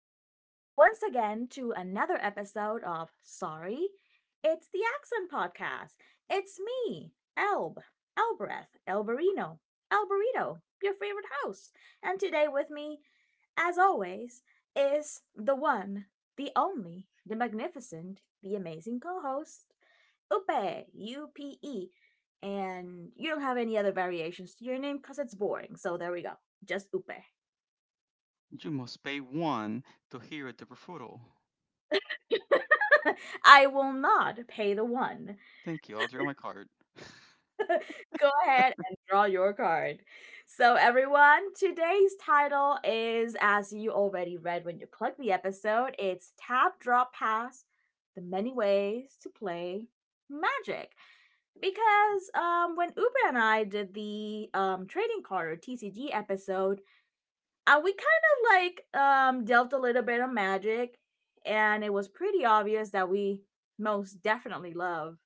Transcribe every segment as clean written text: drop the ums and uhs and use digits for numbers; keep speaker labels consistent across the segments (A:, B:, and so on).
A: Welcome once again to another episode of Sorry, it's the Accent Podcast. It's me, Elb, Elbreth, Elberino, Elberito, your favorite host. And today with me, as always, is the one, the only, the magnificent, the amazing co host, Upe, U P E. And you don't have any other variations to your name because it's boring, so there we go. Just Upe.
B: You must pay one to hear the refutal.
A: I will not pay the one.
B: Thank you, I'll draw my card.
A: Go ahead and draw your card. So, everyone, today's title is, as you already read when you clicked the episode, it's Tap Drop Pass, The Many Ways to Play Magic. Because when Uber and I did the trading card or TCG episode, we kind of like delved a little bit of magic, and it was pretty obvious that we most definitely love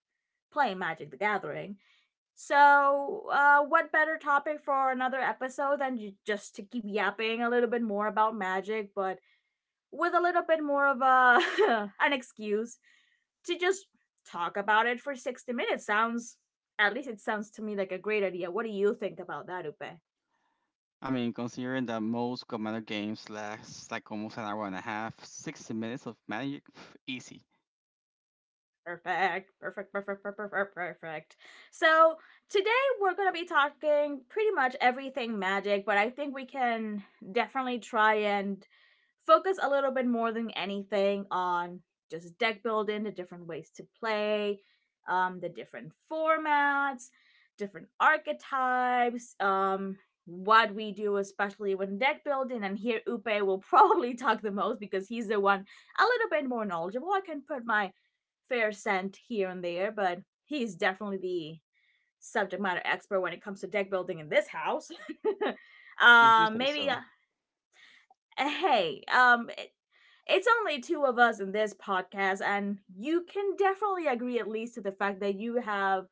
A: playing Magic the Gathering. So, what better topic for another episode than just to keep yapping a little bit more about magic, but with a little bit more of a an excuse to just talk about it for 60 minutes? Sounds, at least it sounds to me like a great idea. What do you think about that, Upe?
B: I mean, considering that most Commander games last like almost an hour and a half, 60 minutes of magic, easy.
A: Perfect, perfect, perfect, perfect, perfect. So today we're gonna be talking pretty much everything magic, but I think we can definitely try and focus a little bit more than anything on just deck building, the different ways to play, the different formats, different archetypes, what we do, especially when deck building. And here, Upe will probably talk the most because he's the one a little bit more knowledgeable. I can put my fair scent here and there, but he's definitely the subject matter expert when it comes to deck building in this house.
B: If you
A: um,
B: say
A: maybe,
B: so.
A: uh, hey, it's only two of us in this podcast, and you can definitely agree at least to the fact that you have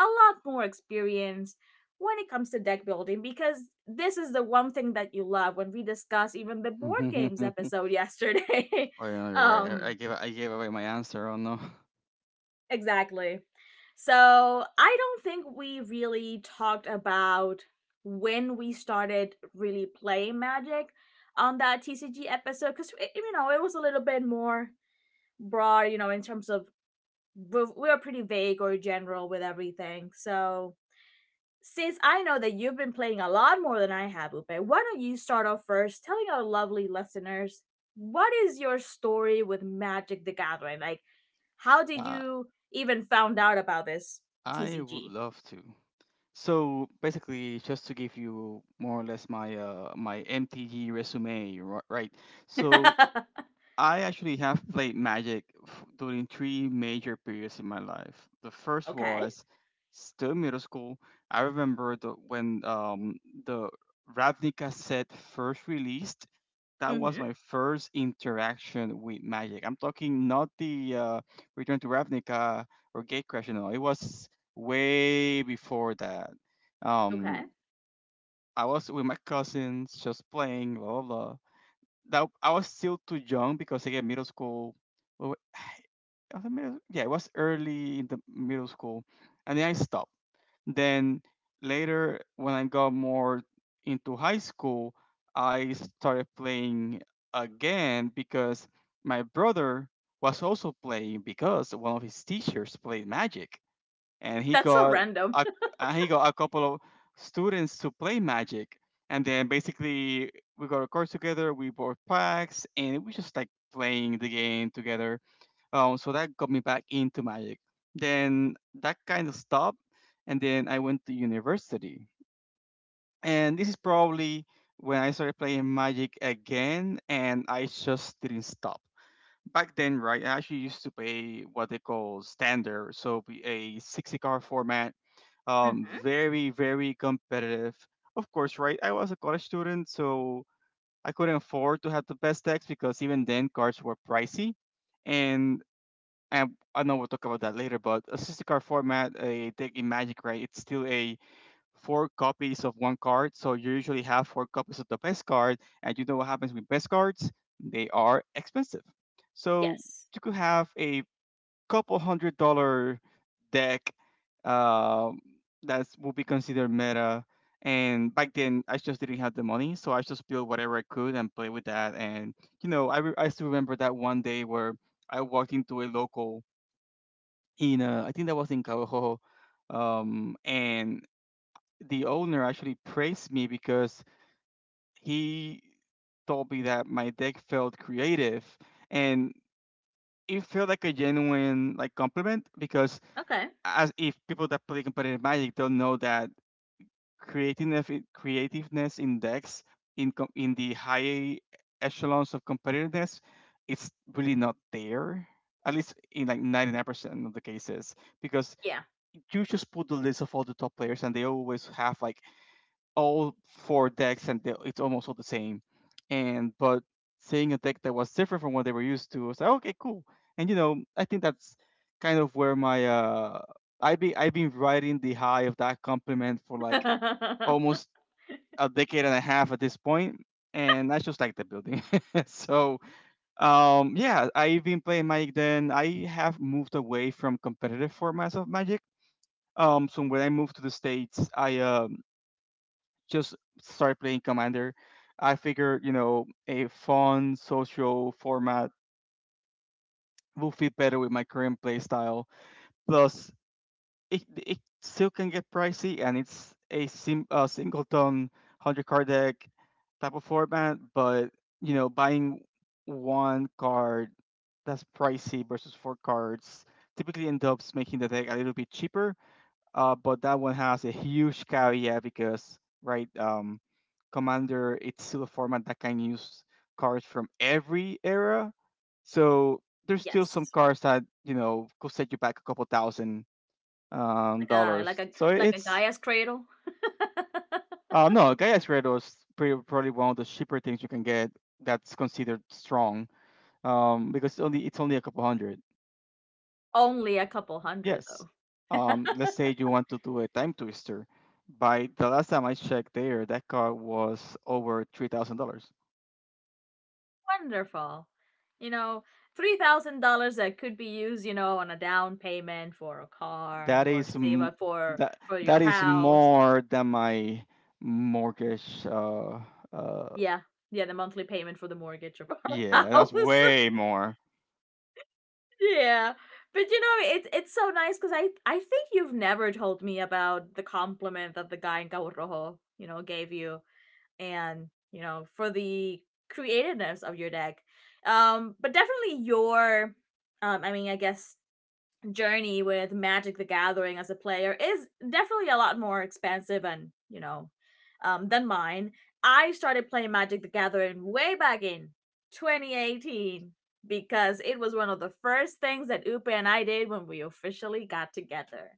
A: a lot more experience when it comes to deck building because this is the one thing that you love when we discuss even the board
B: Oh,
A: games
B: yeah,
A: episode yesterday.
B: you're right. I,
A: um,
B: I gave I gave away my answer. Oh no.
A: exactly. So I don't think we really talked about when we started really playing Magic on that TCG episode because, you know, it was a little bit more broad, you know, in terms of we're pretty vague or general with everything. So since I know that you've been playing a lot more than I have, Lupe, why don't you start off first telling our lovely listeners what is your story with Magic the Gathering? Like, how did
B: Uh,
A: you even found out about this
B: I would
A: TCG?
B: love to. So basically, just to give you more or less my MTG resume, right? So I actually have played Magic during three major periods in my life. The first
A: Okay.
B: was still middle school. I remember the, when the Ravnica set first released. That was
A: Mm-hmm.
B: my first interaction with Magic. I'm talking not the Return to Ravnica or Gatecrash. No, it was way before that. Um,
A: Okay.
B: I was with my cousins just playing, blah blah blah that I was still too young because again, middle school. Well, I was in middle- Yeah, it was early in the middle school, and then I stopped. Then later, when I got more into high school, I started playing again because my brother was also playing because one of his teachers played Magic and
A: That's so random.
B: a he got a couple of students to play Magic, and then basically we got a course together. We bought packs, and it was just like playing the game together. So that got me back into Magic. Then that kind of stopped, and then I went to university, and this is probably when I started playing Magic again, and I just didn't stop. Back then, right, I actually used to play what they call standard, so be a 60 card format,
A: Mm-hmm.
B: very, very competitive. Of course, right? I was a college student, so I couldn't afford to have the best decks because even then cards were pricey. And I, I know we'll talk about that later, but a 60 card format, a deck in Magic, right? It's still a four copies of one card, so you usually have four copies of the best card, and you know what happens with best cards? They are expensive. So
A: Yes.
B: you could have a couple $100 deck um, that will be considered meta. And back then, I just didn't have the money, so I just built whatever I could and play with that. And you know, I still remember that one day where I walked into a local in I think that was in Cabo Rojo, and the owner actually praised me because he told me that my deck felt creative, and it felt like a genuine like compliment because
A: Okay.
B: as if people that play competitive Magic don't know that creativeness index in the high echelons of competitiveness, it's really not there. At least in like 99% of the cases, because
A: Yeah.
B: you just put the list of all the top players, and they always have like all four decks and they, it's almost all the same. And but seeing a deck that was different from what they were used to, I was like, okay, cool. And you know, I think that's kind of where my I be I've been riding the high of that compliment for like almost a decade and a half at this point, and I just like the building. so yeah, I've been playing Magic. Then I have moved away from competitive formats of Magic. So when I moved to the states, I just start playing Commander. I figure you know, a fun social format will fit better with my current playstyle. Plus, it still can get pricey, and it's a singleton 100 card deck type of format, but, you know, buying one card that's pricey versus four cards typically ends up making the deck a little bit cheaper, but that one has a huge caveat because, right, Commander, it's still a format that can use cards from every era. So there's still some
A: yes.
B: cards that, you know, could set you back a couple thousand
A: Like a like
B: dollars.
A: a like a Gaia's cradle.
B: Uh, no, Gaia's Redo is pretty, probably one of the cheaper things you can get that's considered strong, because only it's only a couple hundred.
A: Only a couple hundred,
B: Yes.
A: though.
B: Let's say you want to do a time twister. By the last time I checked there, that car was over $3,000.
A: Wonderful. You know, $3,000 that could be used, you know, on a down payment for a car
B: That
A: or
B: is
A: save up
B: that
A: for your
B: that is
A: house.
B: more than my mortgage. Uh,
A: Yeah. Yeah, the monthly payment for the mortgage of our
B: yeah, that's
A: house.
B: way more.
A: yeah. But you know, it's so nice cuz I think you've never told me about the compliment that the guy in Cabo Rojo, you know, gave you, and you know, for the creativeness of your deck, but definitely your I mean, I guess journey with Magic the Gathering as a player is definitely a lot more expensive and, you know, than mine. I started playing Magic the Gathering way back in 2018, because it was one of the first things that Upe and I did when we officially got together.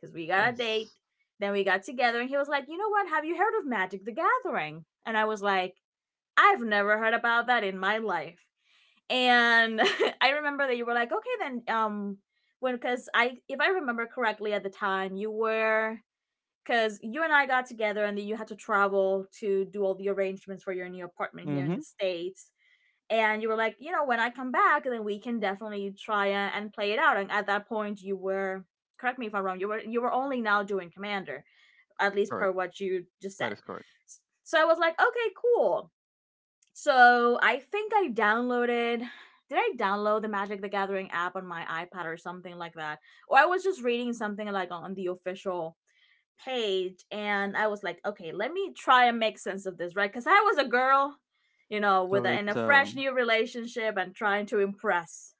A: Because we got a date,
B: Yes.
A: then we got together, and he was like, "You know what? Have you heard of Magic the Gathering?" And I was like, I've never heard about that in my life. And I remember that you were like, okay, because I, if I remember correctly at the time, you were, because you and I got together and then you had to travel to do all the arrangements for your new apartment here in the
B: Mm-hmm.
A: States. And you were like, you know, when I come back, then we can definitely try a- and play it out. And at that point, correct me if I'm wrong, you were only now doing Commander, at least per
B: Correct.
A: what you just said.
B: That is correct.
A: So I was like, okay, cool, so I think I downloaded. Did I download the Magic the Gathering app on my iPad or something like that? Or I was just reading something like on the official page, and I was like, okay, let me try and make sense of this, right? Because I was a girl, you know, with
B: So
A: a, in
B: it's
A: a fresh new relationship and trying to impress,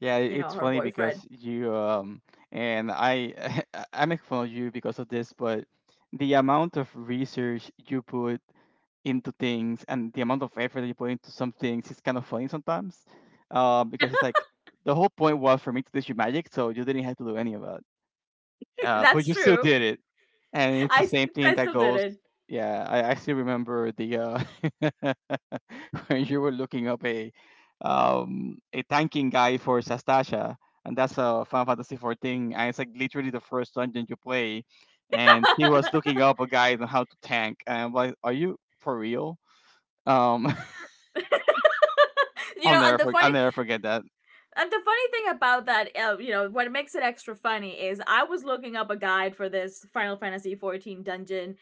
B: Yeah,
A: you know,
B: it's
A: her
B: funny
A: boyfriend.
B: because you and I I make fun of you because of this, but the amount of research you put into things and the amount of effort that you put into some things is kind of funny sometimes, because it's like the whole point was for me to teach you magic so you didn't have to do any of it, but
A: That's
B: you still
A: true.
B: did it and it's the
A: I
B: same thing
A: I
B: that
A: still did
B: goes.
A: it.
B: Yeah, I still remember the when you were looking up a tanking guy for sastasha and that's a final fantasy 14 and it's like literally the first dungeon you play and he was looking up a guide on how to tank and I'm like are you for real. um
A: you
B: I'll
A: know, and
B: never
A: the
B: for
A: funny,
B: I'll never forget that.
A: And the funny thing about that, you know, what makes it extra funny is I was looking up a guide for this Final Fantasy 14 dungeon,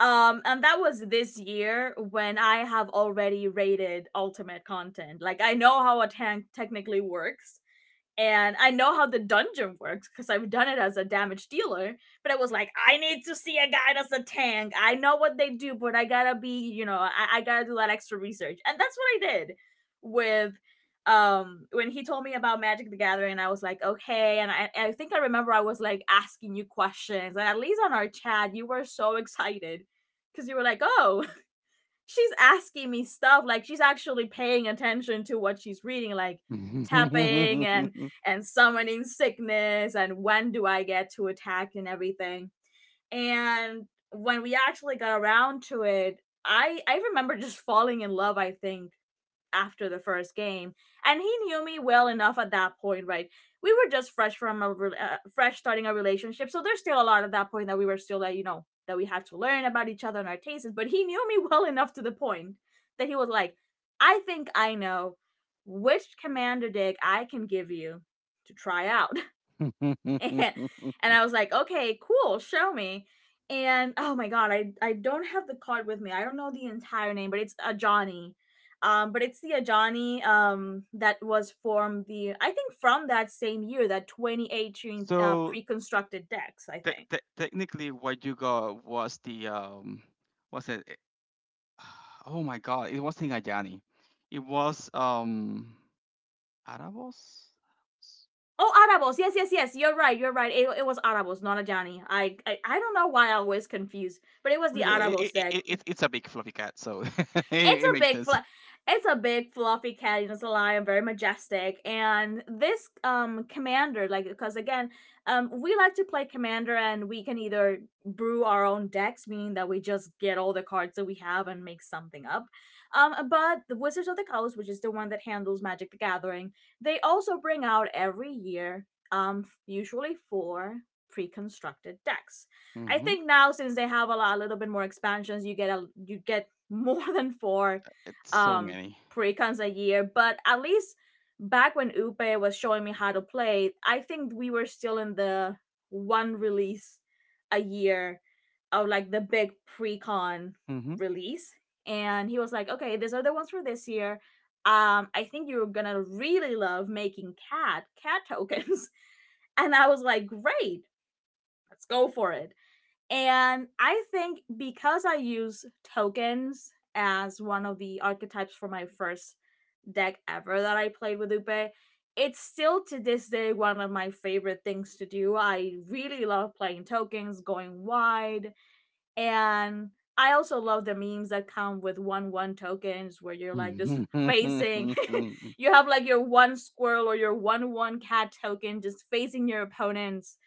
A: and that was this year when I have already rated ultimate content. Like, I know how a tank technically works, and I know how the dungeon works because I've done it as a damage dealer. But it was like, I need to see a guy that's a tank. I know what they do, but I gotta be, you know, I gotta do that extra research, and that's what I did with when he told me about Magic the Gathering. I was like, okay, and I think I remember I was like asking you questions, and at least on our chat, you were so excited because you were like, oh, she's asking me stuff like she's actually paying attention to what she's reading, like tapping and summoning sickness and when do I get to attack and everything. And when we actually got around to it, I remember just falling in love, I think, after the first game. And he knew me well enough at that point, right? We were just fresh from a fresh starting a relationship, so there's still a lot at that point that we were still like, you know, that we had to learn about each other and our tastes, but he knew me well enough to the point that he was like, I think I know which commander deck I can give you to try out. and, and I was like, okay, cool, show me. And oh my god, I don't have the card with me. I don't know the entire name, but it's Ajani. But it's the Ajani that was formed the I think from that same year, that 2018
B: So
A: pre-constructed decks, I think.
B: technically, what you got was the was it? It- Oh my God! It was Tingayani. It was Arabos.
A: Oh, Arabos. Yes, yes, yes. You're right. You're right. It was Arabos, not Ajani. I don't know why I always confuse, but it was the
B: Look, It,
A: Arabos
B: it,
A: deck.
B: it, it, it's a big fluffy cat, so
A: It's
B: it
A: a
B: makes
A: big
B: sense.
A: fluff. It's a big fluffy cat, you know, it's a lion, very majestic. And this commander, like because again, we like to play commander, and we can either brew our own decks, meaning that we just get all the cards that we have and make something up. But the Wizards of the Coast, which is the one that handles Magic the Gathering, they also bring out every year, usually four pre-constructed decks. I
B: Mhm.
A: think now since they have a lot, a little bit more expansions, you get a you get more than four
B: It's so
A: um
B: many.
A: precons a year, but at least back when Upe was showing me how to play, I think we were still in the one release a year of like the big precon release. And he was like, okay, these are the ones for this year. I think you're gonna really love making cat cat tokens. And I was like, great, let's go for it. And I think because I use tokens as one of the archetypes for my first deck ever that I played with Upe, it's still to this day one of my favorite things to do. I really love playing tokens, going wide, and I also love the memes that come with one one tokens where you're like just
B: Hmm.
A: facing you have like your one squirrel or your one one cat token just facing your opponents'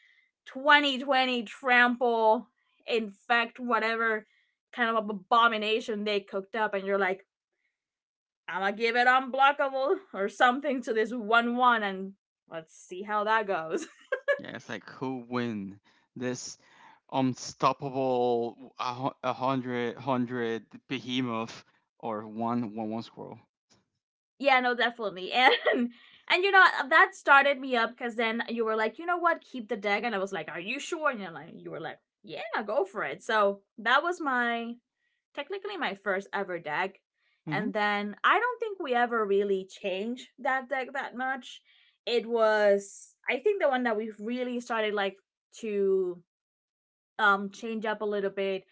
A: 20/20 trample, infect whatever kind of abomination they cooked up, and you're like, I'm gonna give it unblockable or something to this 1/1 and let's see how that goes.
B: Yeah, it's like who win this a a hundred hundred behemoth or one one one squirrel.
A: yeah, no, definitely. And. And you know, that started me up because then you were like, you know what, keep the deck, and I was like, are you sure? And you're like, you were like, yeah, go for it. So that was my technically my first ever deck.
B: Hmm.
A: And then I don't think we ever really changed that deck that much. It was, I think, the one that we have really started like to change up a little bit,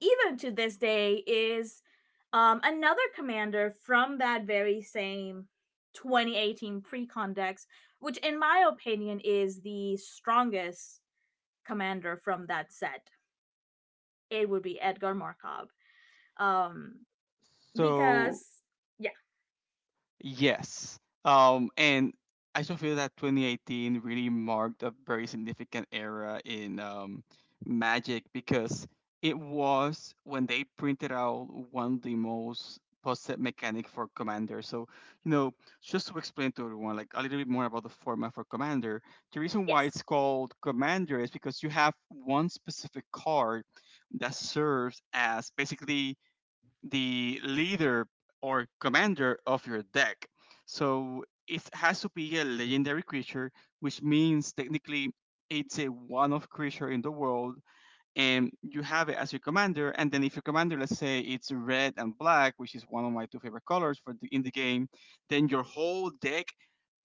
A: even to this day, is another commander from that very same 2018 pre-con decks, which in my opinion is the strongest commander from that set. It would be Edgar Markov. Um
B: So,
A: because.
B: yes. And I still feel that 2018 really marked a very significant era in Magic because it was when they printed out one of the most post-set mechanic for Commander. So, you know, just to explain to everyone like a little bit more about the format for Commander, the reason why
A: Yes.
B: it's called Commander is because you have one specific card that serves as basically the leader or commander of your deck. So it has to be a legendary creature, which means technically it's a one of creature in the world, and you have it as your commander. And then if your commander, let's say it's red and black, which is one of my two favorite colors for in the game, then your whole deck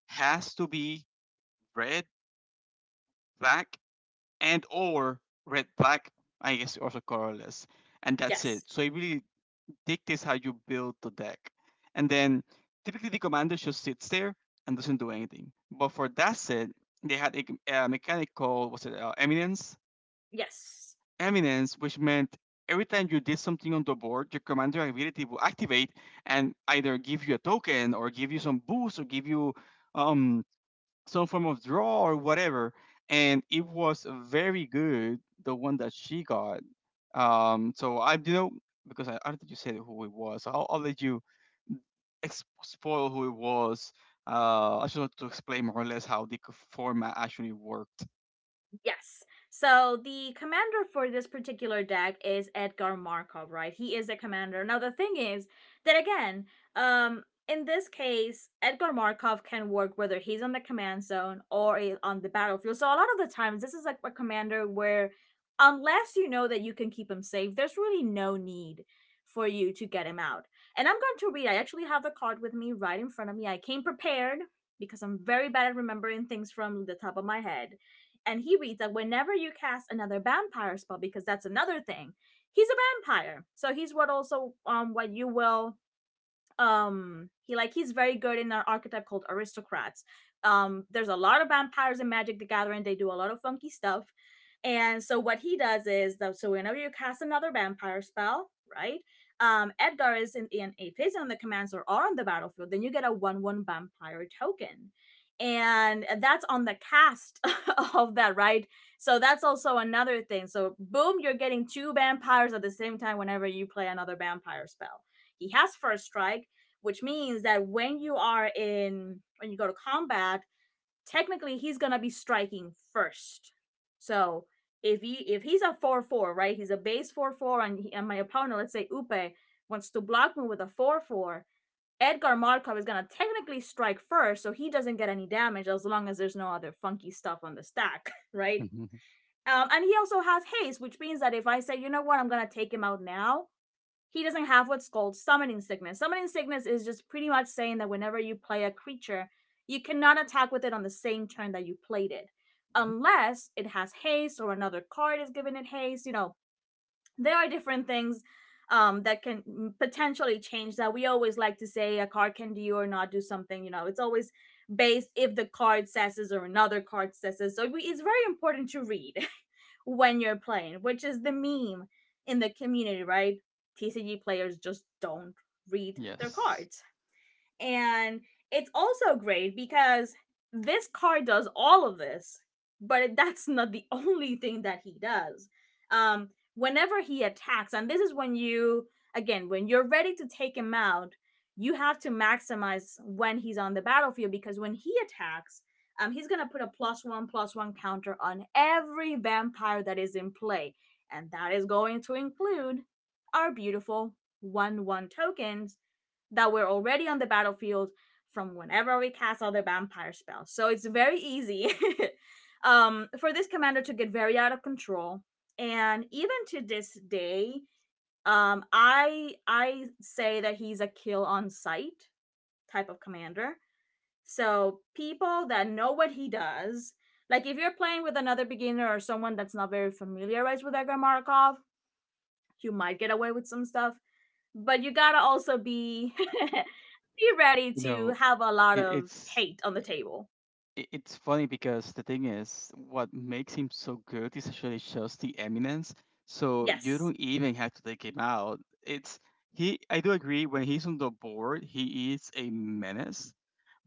B: has to be red, black, and or red, black. I guess also colorless, and that's it.
A: Yes.
B: So it really dictates how you build the deck. And then typically the commander just sits there and doesn't do anything. But for that set, they had a mechanic called was it Eminence?
A: Yes.
B: Eminence, which meant every time you did something on the board, your commander ability will activate and either give you a token or give you some boost or give you um, some form of draw or whatever. And it was very good, the one that she got. So I, you know, because I don't think you said who it was. So I'll let you spoil who it was. I just wanted to explain more or less how the format actually worked.
A: Yes. So the commander for this particular deck is Edgar Markov, right? He is a commander. Now the thing is that, again, in this case, Edgar Markov can work whether he's on the command zone or on the battlefield. So a lot of the times this is like a commander where, unless you know that you can keep him safe, there's really no need for you to get him out. And I'm going to read. I actually have the card with me right in front of me. I came prepared because I'm very bad at remembering things from the top of my head. And he reads that whenever you cast another vampire spell, because that's another thing, he's a vampire, so he's what also, what you will, he like he's very good in an archetype called aristocrats. There's a lot of vampires in Magic the Gathering. They do a lot of funky stuff. And so what he does is, though, so whenever you cast another vampire spell, right, Edgar is in if he's on the command or on the battlefield, then you get a one one vampire token, and that's on the cast of that, right? So that's also another thing. So boom, you're getting two vampires at the same time whenever you play another vampire spell. He has first strike, which means that when you are in, when you go to combat, technically he's gonna be striking first. So if he's a four four, right? He's a base four four, and and my opponent, let's say Upe, wants to block me with a four four. Edgar Markov is gonna technically strike first, so he doesn't get any damage as long as there's no other funky stuff on the stack, right?
B: Mhm.
A: And he also has haste, which means that if I say, you know what, I'm gonna take him out now, he doesn't have what's called summoning sickness. Summoning sickness is just pretty much saying that whenever you play a creature, you cannot attack with it on the same turn that you played it, unless it has haste or another card is giving it haste. You know, there are different things, that can potentially change that. We always like to say a card can do or not do something. You know, it's always based if the card says this or another card says this. So it's very important to read when you're playing, which is the meme in the community, right? TCG players just don't read their
B: Yes,
A: cards. And it's also great because this car does all of this, but that's not the only thing that he does. Whenever he attacks, and this is when you, again, when you're ready to take him out, you have to maximize when he's on the battlefield because when he attacks, he's gonna put a plus one counter on every vampire that is in play, and that is going to include our beautiful one one tokens, that were already on the battlefield from whenever we cast other vampire spells. So it's very easy for this commander to get very out of control. And even to this day, I say that he's a kill on sight type of commander. So people that know what he does, like if you're playing with another beginner or someone that's not very familiarized with Edgar Markov, you might get away with some stuff, but you gotta also be be ready
B: you
A: to
B: know,
A: have a lot
B: it,
A: of
B: it's
A: hate on the table.
B: it's funny because the thing is, what makes him so good is actually just the eminence. So you
A: Yes.
B: don't even have to take him out. It's he. I do agree when he's on the board, he is a menace.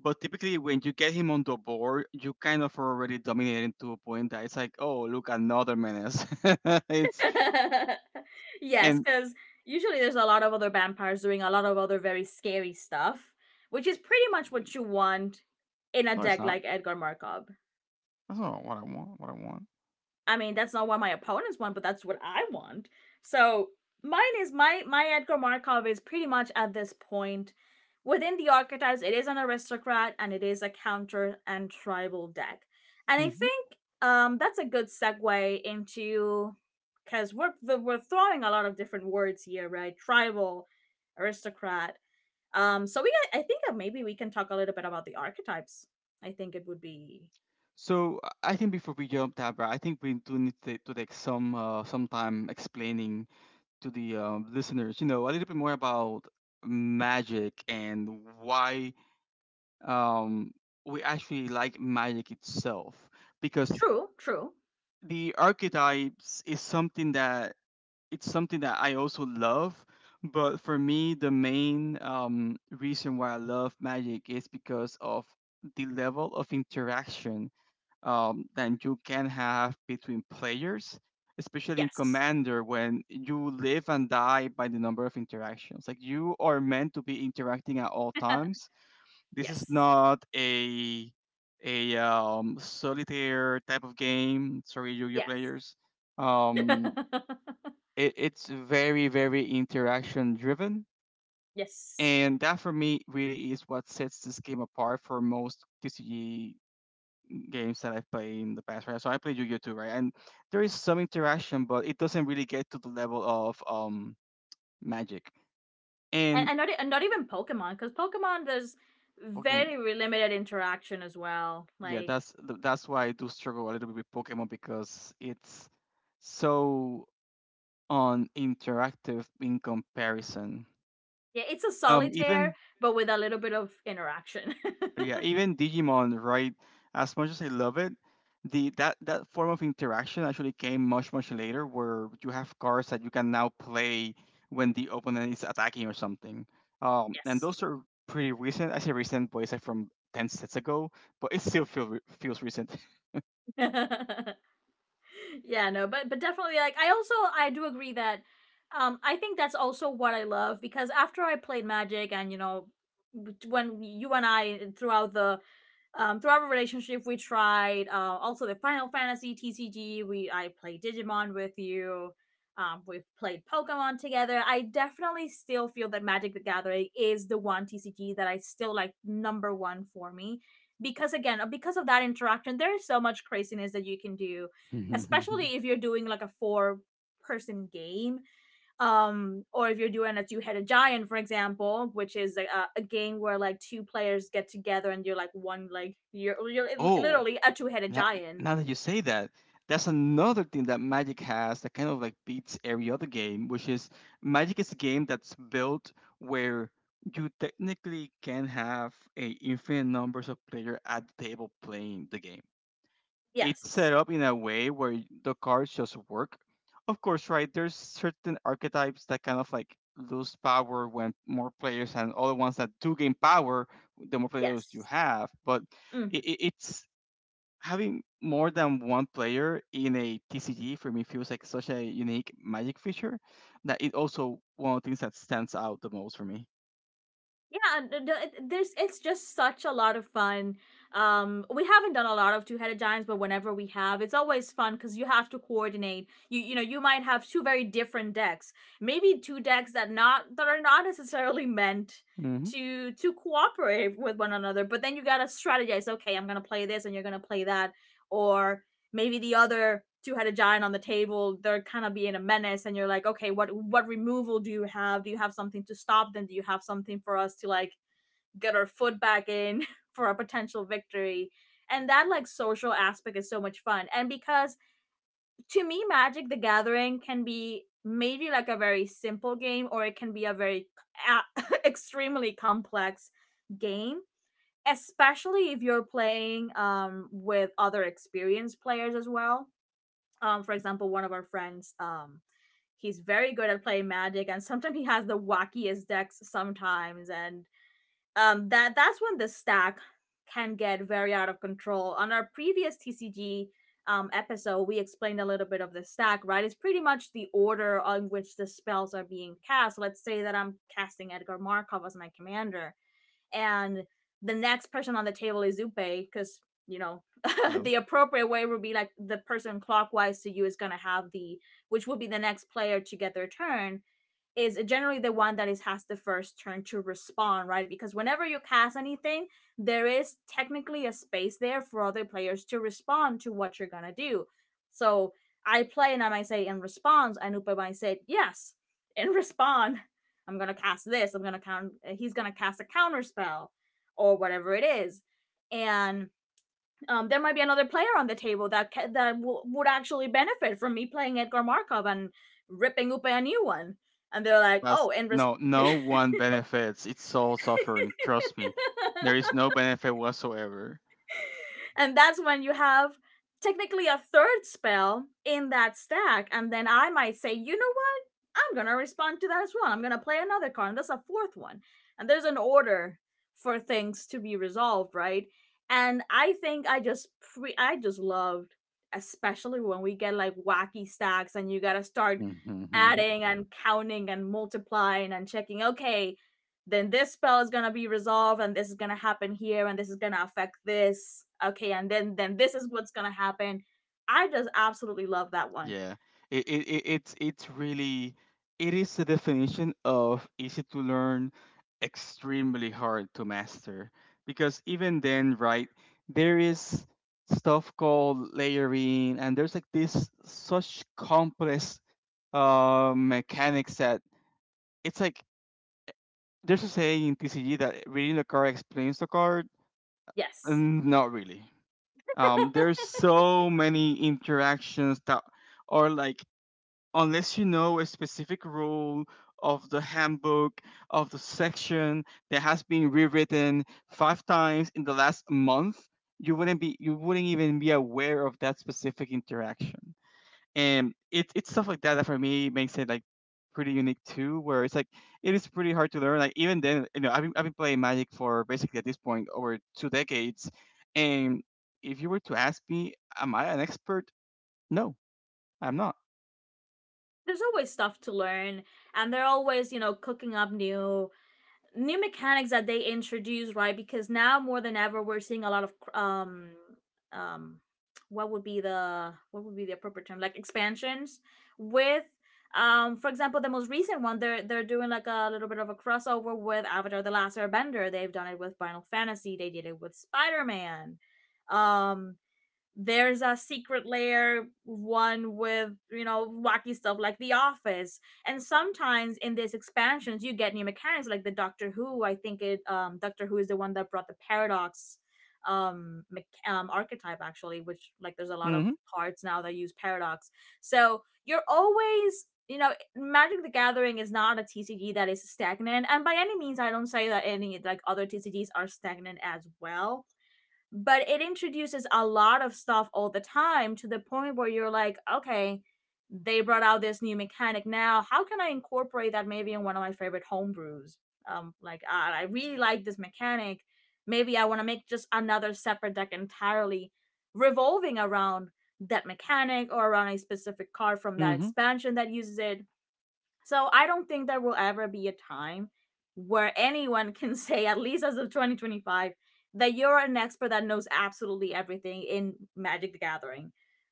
B: But typically, when you get him on the board, you kind of already dominating to a point that it's like, oh, look, another menace. it's
A: Yes,
B: and
A: because usually there's a lot of other vampires doing a lot of other very scary stuff, which is pretty much what you want in a
B: no, it's
A: deck
B: not.
A: like Edgar Markov.
B: That's not what I want. What I want.
A: I mean, that's not what my opponents want, but that's what I want. So mine is my my Edgar Markov is, pretty much at this point within the archetypes, it is an aristocrat and it is a counter and tribal deck. And I think that's a good segue into, because we're throwing a lot of different words here, right? Tribal, aristocrat. So we I think that maybe we can talk a little bit about the archetypes. I think it would be.
B: So, I think before we jump, Tabra, I think we do need to take some time explaining to the listeners, you know, a little bit more about magic and why, um, we actually like magic itself, because
A: True, true.
B: the archetypes is something that it's something that I also love, but for me the main reason why I love magic is because of the level of interaction, than you can have between players, especially in
A: Yes,
B: Commander when you live and die by the number of interactions. Like you are meant to be interacting at all times. This is
A: yes.
B: not a solitaire type of game. Sorry, Yu-Gi-Oh
A: Yes.
B: players. Um, it, it's very very interaction driven.
A: Yes.
B: And that for me really is what sets this game apart for most TCG games that I've played in the past, right? So I played Yu-Gi-Oh too, right? And there is some interaction, but it doesn't really get to the level of Magic
A: And,
B: and
A: and not even Pokemon, because Pokemon there's
B: Pokemon.
A: limited interaction as well.
B: Yeah,
A: Like,
B: that's why I do struggle a little bit with Pokemon because it's so uninteractive in comparison.
A: yeah, it's a
B: Even
A: solitaire, but with a little bit of interaction.
B: Yeah, even Digimon, right? As much as I love it, the that that form of interaction actually came much much later, where you have cards that you can now play when the opponent is attacking or something. And
A: Yes.
B: those are pretty recent. I say recent, but it's like from ten sets ago, but it still feels recent.
A: Yeah, no, but definitely, like, I do agree that, I think that's also what I love, because after I played Magic and, you know, when you and I, throughout our relationship, we tried, also the Final Fantasy TCG. We I played Digimon with you. We've played Pokemon together. I definitely still feel that Magic the Gathering is the one TCG that I still like number one for me. Because, again, because of that interaction, there is so much craziness that you can do, especially if you're doing like a four-person game, or if you're doing a two-headed giant, for example, which is game where, like, two players get together and you're like one, like you're
B: oh,
A: literally a two-headed
B: Now,
A: giant.
B: now that you say that, that's another thing that Magic has that kind of like beats every other game, which is Magic is a game that's built where you technically can have a infinite numbers of players at the table playing the game. It's
A: Yes.
B: set up in a way where the cards just work. Of course, right, there's certain archetypes that kind of like lose power when more players and other ones that do gain power the more players you
A: Yes.
B: have, but
A: Hmm.
B: it's having more than one player in a TCG for me feels like such a unique magic feature that it also one of the things that stands out the most for me.
A: Yeah, there's it's just such a lot of fun. We haven't done a lot of two-headed giants, but whenever we have, it's always fun because you have to coordinate. You you know you might have two very different decks, maybe two decks that not, that are not necessarily meant
B: Hmm.
A: to cooperate with one another. But then you gotta strategize. Okay, I'm gonna play this and you're gonna play that. Or maybe the other two-headed giant on the table, they're kind of being a menace, and you're like, okay, what removal do you have something to stop them, do you have something for us to, like, get our foot back in for a potential victory. And that, like, social aspect is so much fun. And, because to me Magic the Gathering can be maybe like a very simple game, or it can be a very extremely complex game, especially if you're playing with other experienced players as well. For example, one of our friends, he's very good at playing Magic, and sometimes he has the wackiest decks sometimes. And that's when the stack can get very out of control. On our previous TCG episode we explained a little bit of the stack, right? It's pretty much the order on which the spells are being cast. Let's say that I'm casting Edgar Markov as my commander, and the next person on the table is Upe, because, you know,
B: Hello.
A: the appropriate way would be like the person clockwise to you is gonna have the, which would be the next player to get their turn, is generally the one that is has the first turn to respond, right? Because whenever you cast anything, there is technically a space there for other players to respond to what you're gonna do. So I play and I might say in response, and Anupa might say yes. In respond, I'm gonna cast this. I'm gonna count. He's gonna cast a counter spell or whatever it is, and there might be another player on the table that ca- that w- would actually benefit from me playing Edgar Markov and ripping up a new one. And they're like, oh,
B: That's
A: in res-
B: no, no one benefits. It's all suffering. Trust me. There is no benefit whatsoever.
A: And that's when you have technically a third spell in that stack. And then I might say, you know what? I'm gonna respond to that as well. I'm gonna play another card, and that's a fourth one. And there's an order for things to be resolved, right? And I think I just I just loved, especially when we get like wacky stacks and you gotta start adding and counting and multiplying and checking. Okay, then this spell is gonna be resolved and this is gonna happen here and this is gonna affect this. Okay, and then this is what's gonna happen. I just absolutely love that one.
B: Yeah, it's really it is the definition of easy to learn, extremely hard to master. Because even then, right, there is stuff called layering, and there's like this such complex mechanics that it's like there's a saying in TCG that reading the card explains the card.
A: Yes,
B: Not really. There's so many interactions that are like unless you know a specific rule of the handbook of the section that has been rewritten five times in the last month you wouldn't even be aware of that specific interaction and it's stuff like that that for me makes it like pretty unique too where it's like it is pretty hard to learn like even then you know I've been playing magic for basically at this point over two decades and if you were to ask me am I an expert? No, I'm not.
A: there's always stuff to learn, and they're always, cooking up new mechanics that they introduced, right? Because now more than ever, we're seeing a lot of um what would be the appropriate term, like expansions with. For example, the most recent one, they're doing like a little bit of a crossover with Avatar the Last Airbender. They've done it with Final Fantasy. They did it with Spider Man. Um there's a secret layer one with, you know, wacky stuff like the Office. And sometimes in these expansions you get new mechanics, like the Doctor Who. I think it, Doctor Who is the one that brought the paradox, archetype actually, which, like, there's a lot of
B: Mm
A: cards now that use paradox. So you're always, you know, Magic the Gathering is not a TCG that is stagnant, and by any means I don't say that any, like, other TCGs are stagnant as well, but it introduces a lot of stuff all the time, to the point where you're like, okay, they brought out this new mechanic now. How can I incorporate that maybe in one of my favorite homebrews? Like, I really like this mechanic. Maybe I want to make just another separate deck entirely revolving around that mechanic, or around a specific card from
B: hmm
A: that
B: mm hmm
A: expansion that uses it. So I don't think there will ever be a time where anyone can say, at least as of 2025, that you're an expert that knows absolutely everything in Magic the Gathering.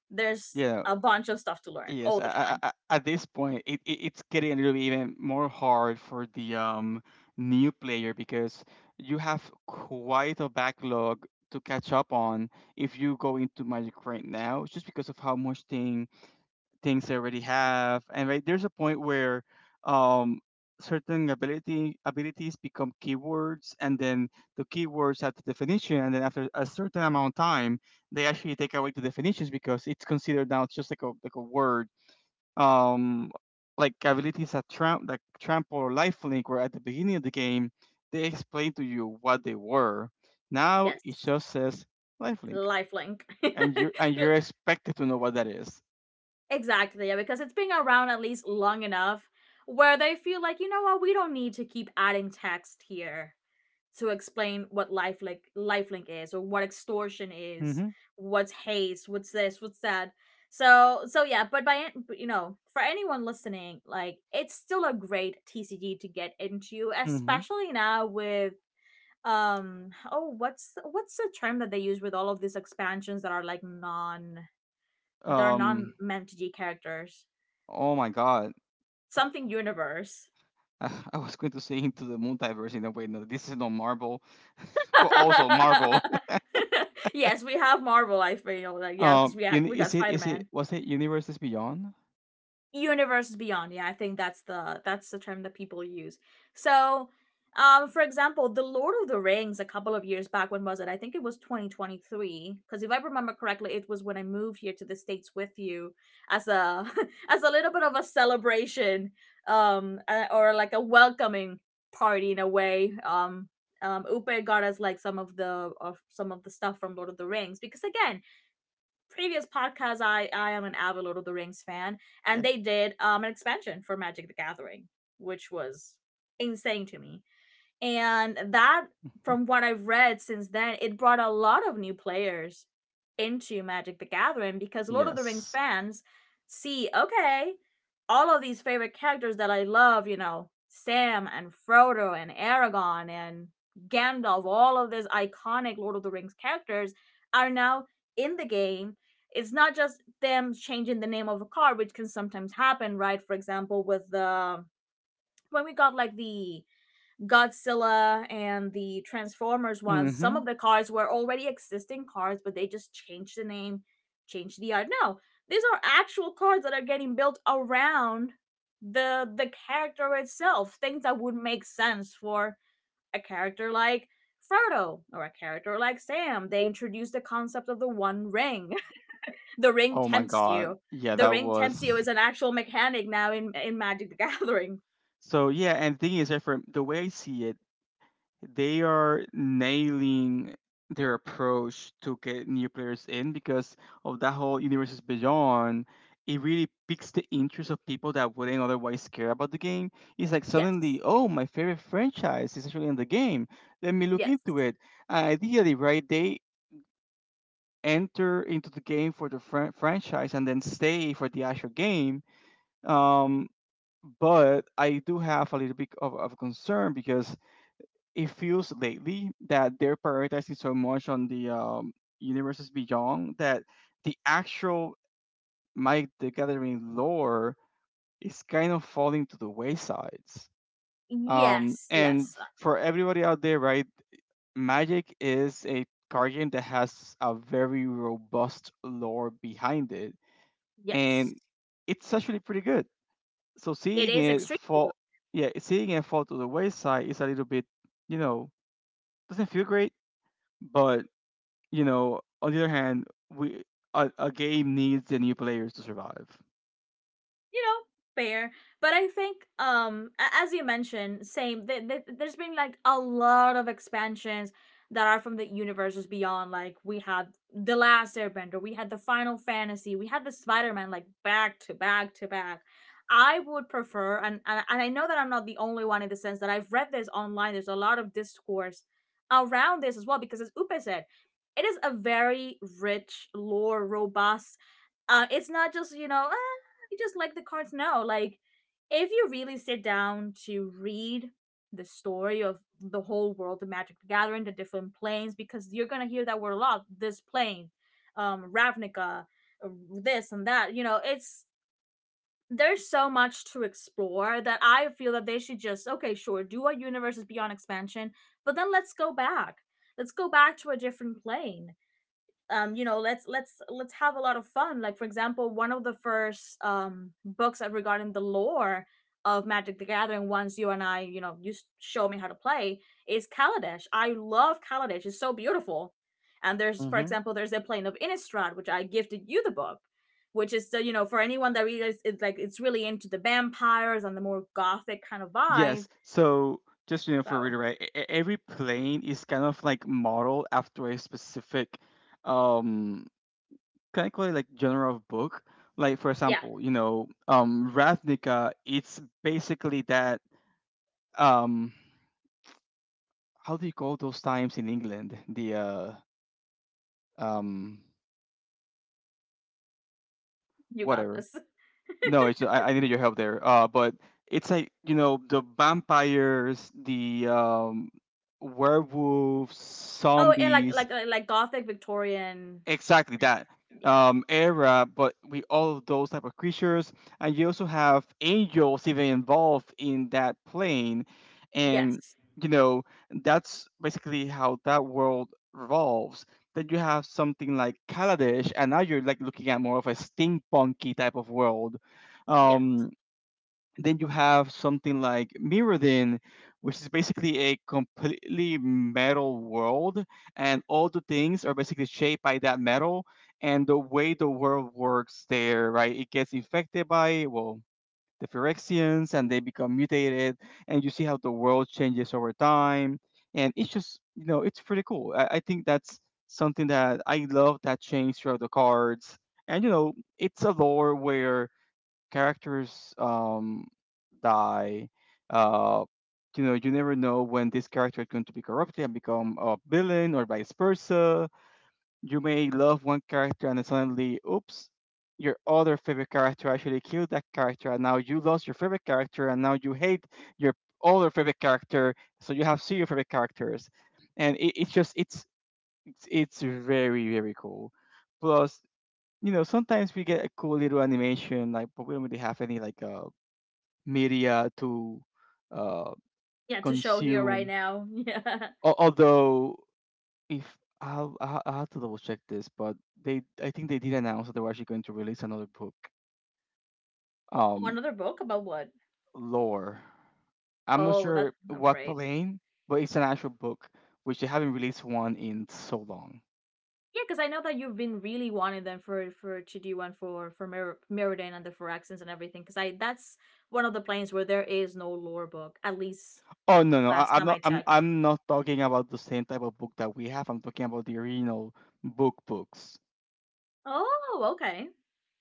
A: There's
B: yeah.
A: a bunch of stuff to learn
B: Yes,
A: all the
B: a-
A: time.
B: a- a- at this point, it's getting a little bit even more hard for the new player because you have quite a backlog to catch up on if you go into Magic right now, just because of how much things they already have. And right there's a point where um certain ability abilities become keywords, and then the keywords have the definition, and then after a certain amount of time, they actually take away the definitions because it's considered now just like a word. um, like abilities that trample or lifelink were at the beginning of the game, they explain to you what they were. Now
A: Yes.
B: it just says lifelink,
A: Lifelink.
B: and you're expected to know what that is.
A: Exactly. Yeah, because it's been around at least long enough where they feel like, you know what, we don't need to keep adding text here to explain what lifelink is, or what extortion is,
B: Mm-hmm.
A: what's haze, what's this, what's that. So yeah, but but, you know, for anyone listening, like, it's still a great TCG to get into,
B: Mm-hmm.
A: especially now with, oh, what's the term that they use with all of these expansions that are like non, they're
B: Um,
A: non MTG characters,
B: oh my god.
A: something universe.
B: I was going to say into the multiverse in a way. No, this is not Marvel, but also Marvel.
A: Yes, we have Marvel, I feel like. Yeah, because
B: Um,
A: we
B: uni-
A: we got
B: is it is it
A: Spider-Man.
B: was it Universes Beyond?
A: Universes Beyond, yeah, I think that's the term that people use. So, for example, the Lord of the Rings a couple of years back. When was it? I think it was 2023, because if I remember correctly, it was when I moved here to the States with you as a as a little bit of a celebration, or like a welcoming party in a way. Upe got us like some of the stuff from Lord of the Rings, because, again, previous podcast, I am an avid Lord of the Rings fan, and
B: Yeah.
A: they did an expansion for Magic the Gathering, which was insane to me. And that, from what I've read since then, it brought a lot of new players into Magic the Gathering, because
B: Yes.
A: Lord of the Rings
B: Yes.
A: fans see, okay, all of these favorite characters that I love, you know, Sam and Frodo and Aragon and Gandalf, all of these iconic Lord of the Rings characters are now in the game. It's not just them changing the name of a card, which can sometimes happen, right? For example, with the when we got like the Godzilla and the Transformers ones, some of
B: Hmm.
A: the cars were already existing cars, but they just changed the name, changed the art. No, these are actual cars that are getting built around the character itself. Things that would make sense for a character like Frodo, or a character like Sam. They introduced the concept of the One Ring. The Ring
B: Oh my
A: tempts
B: God.
A: you.
B: Yeah,
A: The
B: that
A: Ring tempts you
B: was.
A: is an actual mechanic now in Magic the Gathering.
B: So yeah, and thing is, that for the way I see it, they are nailing their approach to get new players in because of that whole universe is beyond. It really piques the interest of people that wouldn't otherwise care about the game. It's like
A: Yes,
B: suddenly, oh, my favorite franchise is actually in the game. Let me look
A: yes.
B: into it. And ideally, right, they enter into the game for the franchise and then stay for the actual game. Um, but I do have a little bit of concern because it feels lately that they're prioritizing so much on the universes beyond that the actual Mike the Gathering lore is kind of falling to the waysides.
A: Yes,
B: And
A: yes.
B: for everybody out there, right, Magic is a card game that has a very robust lore behind it,
A: Yes,
B: and it's actually pretty good. So
A: it
B: seeing
A: is
B: it
A: extremely,
B: fall, yeah, seeing it fall to the wayside is a little bit, you know, doesn't feel great, but you know, on the other hand, we a game needs the new players to survive.
A: you know, fair. But I think, as you mentioned same, there's been like a lot of expansions that are from the Universes Beyond. Like, we had the Last Airbender, we had the Final Fantasy, we had the Spider-Man, like back to back to back. I would prefer, and I know that I'm not the only one in the sense that I've read this online, there's a lot of discourse around this as well, because, as Upe said, it is a very rich lore, robust. It's not just, you know, "Ah, I just like the cards now." Like, if you really sit down to read the story of the whole world of Magic the Gathering, the different planes, because you're gonna hear that word a lot. This plane, Ravnica, uh, this and that. You know, it's there's so much to explore that I feel that they should just, okay, sure, do our Universes Beyond expansion, but then let's go back. Let's go back to a different plane. You know, let's have a lot of fun. Like, for example, one of the first books regarding the lore of Magic the Gathering once you and I, you know, you show me how to play, is Kaladesh. I love Kaladesh, it's so beautiful. And there's, for
B: Mm-hmm.
A: example, there's a plane of Innistrad, which I gifted you the book, which is you know, for anyone that really is like, it's really into the vampires and the more gothic kind of vibe.
B: Yes. So just you know, for
A: So
B: reiterate, every plane is kind of like modeled after a specific, um, can I call it like genre of book? Like for
A: yeah,
B: example, you know, Ravnica. It's basically that. Um, how do you call those times in England? The um,
A: you got
B: whatever.
A: this.
B: No, it's I needed your help there. But it's like you know the vampires, the werewolves,
A: Oh, and like
B: zombies,
A: gothic Victorian,
B: exactly
A: like,
B: that
A: yeah,
B: era. But with all of those type of creatures, and you also have angels even involved in that plane, and
A: yes.
B: you know that's basically how that world revolves. Then you have something like Kaladesh, and now you're like looking at more of a steampunky type of world.
A: Yes.
B: Um, then you have something like Mirrodin, which is basically a completely metal world, and all the things are basically shaped by that metal. And the way the world works there, right? It gets infected by well the Phyrexians, and they become mutated, and you see how the world changes over time. And it's just you know it's pretty cool. I think that's something that I love that change throughout the cards. And you know it's a lore where characters die. Uh, you know, you never know when this character is going to be corrupted and become a villain, or vice versa. You may love one character and then suddenly, oops, your other favorite character actually killed that character, and now you lost your favorite character, and now you hate your other favorite character. So you have zero favorite characters, and it, it's just it's very very cool. Plus, you know, sometimes we get a cool little animation, like, but we don't really have any like media to uh,
A: Yeah, to show here right
B: consume.
A: now. Yeah.
B: Although, if I I have to double check this, but they I think they did announce that they were actually going to release another book,
A: Oh,
B: um,
A: another book about what?
B: lore. I'm not
A: Oh,
B: sure
A: that's oh,
B: what
A: great.
B: plane, but it's an actual book which they haven't released one in so long.
A: Yeah, because I know that you've been really wanting them for to do one for Mer- Meriden and the Phyraxins and everything. Because I that's one of the planes where there is no lore book. At least last
B: I'm
A: time I
B: not
A: checked.
B: I'm not talking about the same type of book that we have. I'm talking about the original books.
A: Oh, okay.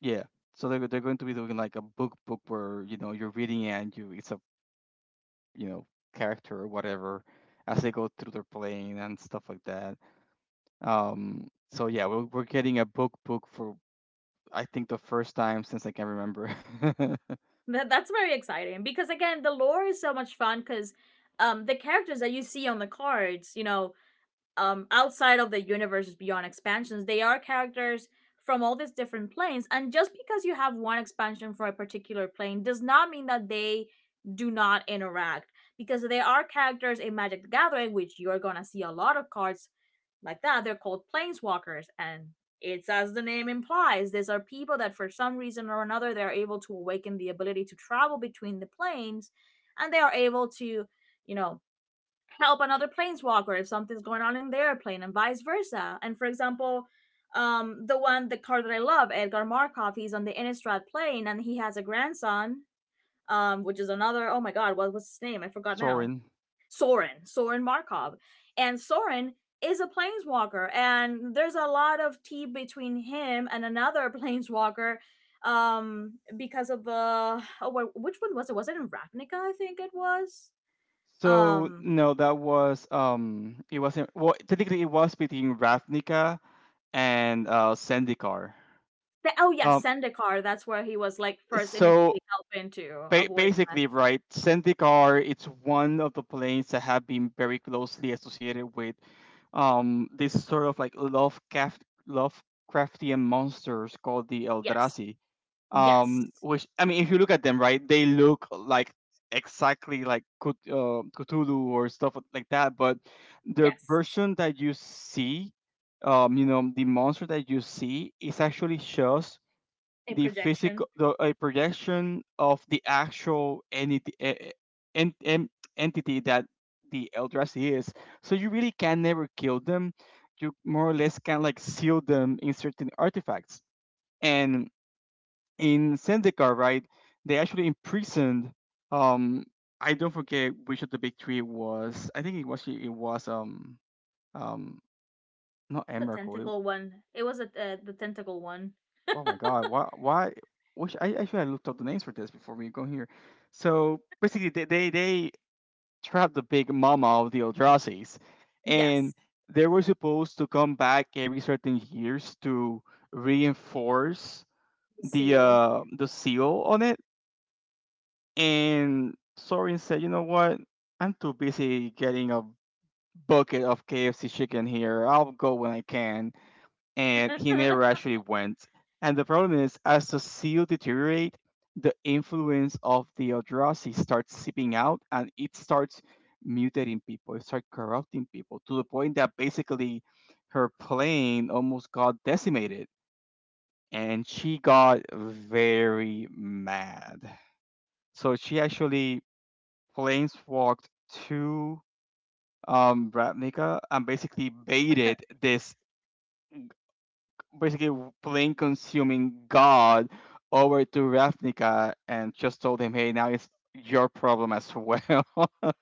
B: Yeah. So they're going to be doing like a book book where you know you're reading it and you it's a you know character or whatever as they go through their playing and stuff like that. So yeah, we're getting a book book for I think the first time since I can remember.
A: That that's very exciting, because, again, the lore is so much fun, because the characters that you see on the cards, you know, outside of the Universes Beyond expansions, they are characters from all these different planes, and just because you have one expansion for a particular plane does not mean that they do not interact, because there are characters in Magic the Gathering, which you're gonna see a lot of cards like, that they're called planeswalkers. And it's, as the name implies, these are people that for some reason or another, they're able to awaken the ability to travel between the planes, and they are able to, you know, help another planeswalker if something's going on in their plane, and vice versa. And for example, the one the card that I love, Edgar Markov, he's on the Innistrad plane, and he has a grandson, which is another oh my god, what was his name? I forgot now.
B: Sorin.
A: Soren, Soren Markov. And Soren is a planeswalker, and there's a lot of tea between him and another planeswalker, because of oh, which one was it? Was it in Ravnica? I think it was.
B: So
A: um
B: no, that was it wasn't. Well, technically, it was between Ravnica and Zendikar.
A: The, oh yeah,
B: Um,
A: Sendikar. That's where he was like first
B: so
A: initially helping to avoid the mess.
B: Basically, right, Zendikar, it's one of the planes that have been very closely associated with this sort of like Lovecraftian monsters called the
A: Yes,
B: Eldrazi.
A: yes,
B: Which, I mean, if you look at them, right, they look like exactly like Cthulhu or stuff like that, but the
A: yes.
B: version that you see, you know, the monster that you see is actually just
A: A
B: the physical
A: projection.
B: the a projection of the actual entity eh, en, en, entity that the Eldrazi is. So you really can never kill them. You more or less can like seal them in certain artifacts. And in Zendikar, right, they actually imprisoned um I don't forget which of the big three was I think it was um not
A: The
B: Emrakul, It
A: tentacle one. It was a, the tentacle one.
B: Oh my God! Why? Why? Which I should have looked up the names for this before we go here. So basically, they trapped the big mama of the Eldrassis,
A: Yes,
B: and they were supposed to come back every certain years to reinforce
A: the seal.
B: the seal on it. And Sorin said, you know what? I'm too busy getting a bucket of KFC chicken here. I'll go when I can and he never actually went. And the problem is, as the seal deteriorate, the influence of the Eldrazi starts seeping out, and it starts mutating people. It starts corrupting people to the point that basically her plane almost got decimated, and she got very mad. So she actually planeswalked to Ravnica and basically baited this basically plain consuming god over to Ravnica and just told him, "Hey, now it's your problem as well."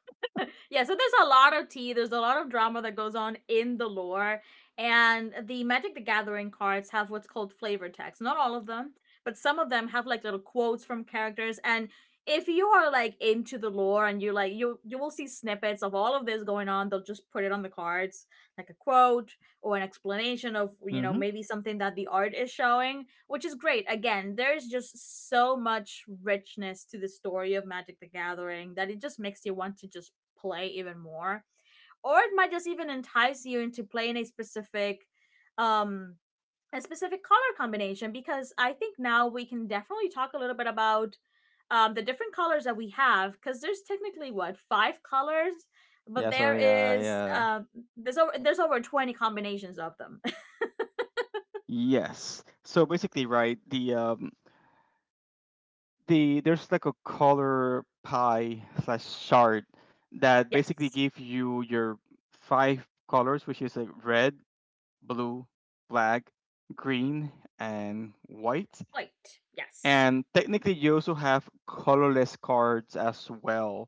A: Yeah, so there's a lot of tea, there's a lot of drama that goes on in the lore. And the Magic the Gathering cards have what's called flavor text. Not all of them, but some of them have like little quotes from characters, and if you are like into the lore, and you're like, you will see snippets of all of this going on. They'll just put it on the cards like a quote, or an explanation of, you know,
B: Mm-hmm.
A: maybe something that the art is showing, which is great. Again, there's just so much richness to the story of Magic the Gathering that it just makes you want to just play even more, or it might just even entice you into playing um a specific color combination, because I think now we can definitely talk a little bit about, the different colors that we have, because there's technically, what, five colors, but
B: yeah,
A: there
B: sorry.
A: is
B: Yeah.
A: there's over 20 combinations of them.
B: Yes. So basically, right, there's like a color pie slash shard that basically
A: Yes.
B: give you your five colors, which is like red, blue, black, green, and white.
A: White, yes.
B: And technically you also have colorless cards as well,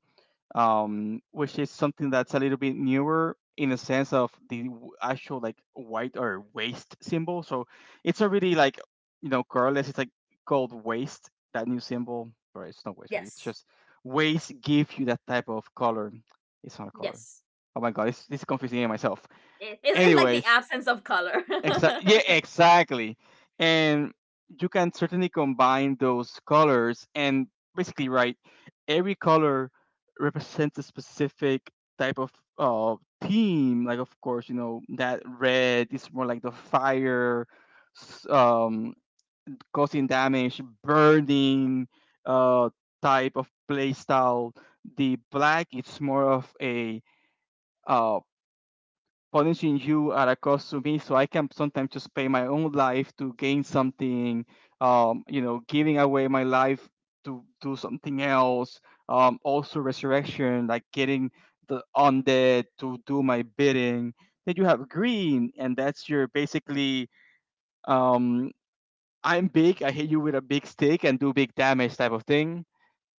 B: which is something that's a little bit newer in the sense of the actual like white or waste symbol. So it's already like, colorless. It's like called waste, that new symbol. Or it's not waste, right? It's
A: Yes,
B: just waste give you that type of color. It's not a color.
A: yes.
B: Oh my god, it's confusing myself.
A: It, it's like the
B: Anyways.
A: absence of color.
B: Exa- yeah, exactly. And you can certainly combine those colors, and basically, right, every color represents a specific type of uh, theme. Like, of course, that red is more like the fire, s- um, causing damage, burning uh, type of play style. The black, it's more of a uh, punishing you at a cost to me, so I can sometimes just pay my own life to gain something. Giving away my life to do something else. Also resurrection, like getting the undead to do my bidding. Then you have green, and that's your basically, um I'm big, I hit you with a big stick and do big damage type of thing.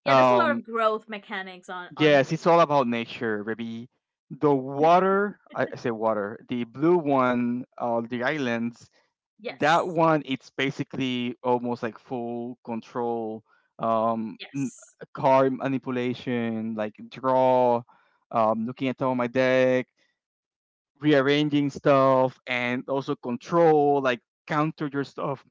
A: Yeah, there's a lot
B: um
A: of growth mechanics on
B: Yes,
A: green.
B: it's all about nature, baby. The water, I say water, the blue one, the islands, that
A: Yes.
B: one, it's basically almost like full control, um, n-
A: Yes.
B: car manipulation, like draw, looking at all my deck, rearranging stuff, and also control, like counter your stuff.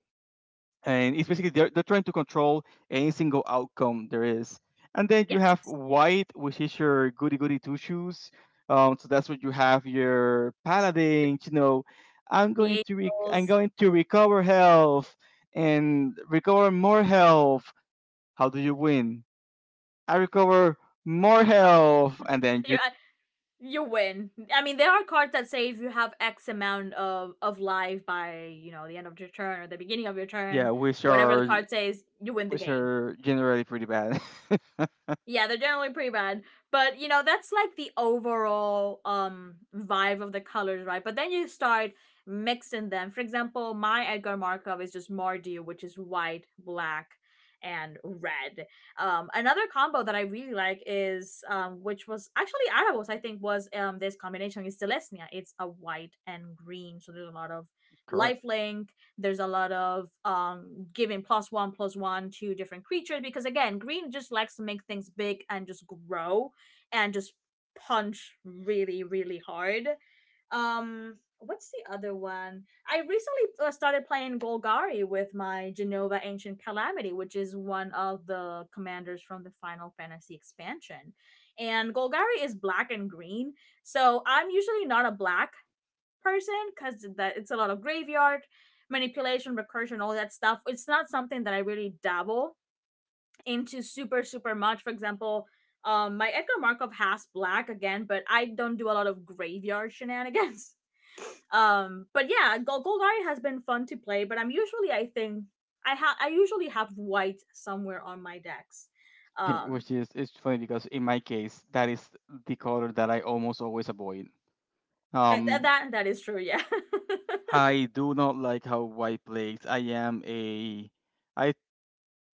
B: And it's basically they're trying to control any single outcome there is. And then you
A: Yes.
B: have white, which is your goody goody two shoes. So that's what you have, your
A: The
B: paladin. I'm
A: the
B: going to rec- i'm
A: angels.
B: going to recover health. And recover more health. How do you win? I recover more health. And then
A: You
B: you.
A: you win. I mean, there are cards that say, if you have X amount of life by, you know, the end of your turn or the beginning of your
B: Yeah,
A: turn,
B: which
A: whatever the
B: are
A: card says, you win the
B: which
A: game.
B: are generally pretty bad.
A: Yeah, they're generally pretty bad. But, you know, that's like the overall vibe of the colors, right? But then you start mixing them. For example, my Edgar Markov is just Mardu, which is white, black, and red. Another combo that I really like is which was actually Arabos, I think, was this combination is Celestia. It's a white and green, so there's a lot of
B: Correct.
A: lifelink. There's a lot of giving plus one to different creatures because again green just likes to make things big and just grow and just punch really really hard. Um, what's the other one? I recently started playing Golgari with my Genova Ancient Calamity, which is one of the commanders from the Final Fantasy expansion, and Golgari is black and green. So I'm usually not a black person because that it's a lot of graveyard manipulation, recursion, all that stuff. It's not something that I really dabble into super super much. For example, my Edgar Markov has black again, but I don't do a lot of graveyard shenanigans. But yeah, Golgari has been fun to play, but I'm usually I think I usually have white somewhere on my decks. Um,
B: which is It's funny because in my case that is the color that I almost always avoid. Um,
A: that that is true. Yeah.
B: I do not like how white plays. I am a I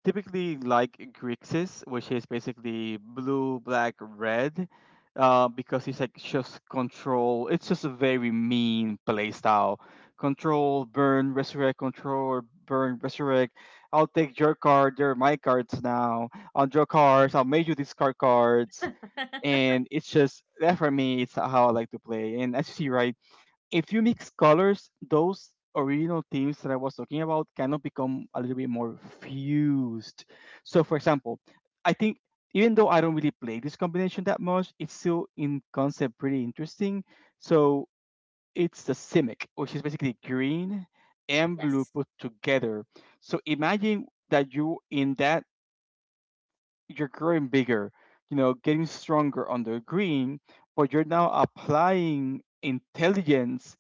B: typically like Grixis, which is basically blue, black, red, because it's like just control. It's just a very mean play style. Control, burn, resurrect, control, burn, resurrect. I'll take your card. They're my cards now. I'll draw cards. I'll make you discard cards. And it's just that, for me, it's how I like to play. And as you see, right, if you mix colors, those original themes that I was talking about kind of become a little bit more fused. So, for example, I think even though I don't really play this combination that much, it's still in concept pretty interesting. So it's the Simic, which is basically green and blue
A: Yes.
B: put together. So imagine that, you in that you're growing bigger, getting stronger on the green, but you're now applying intelligence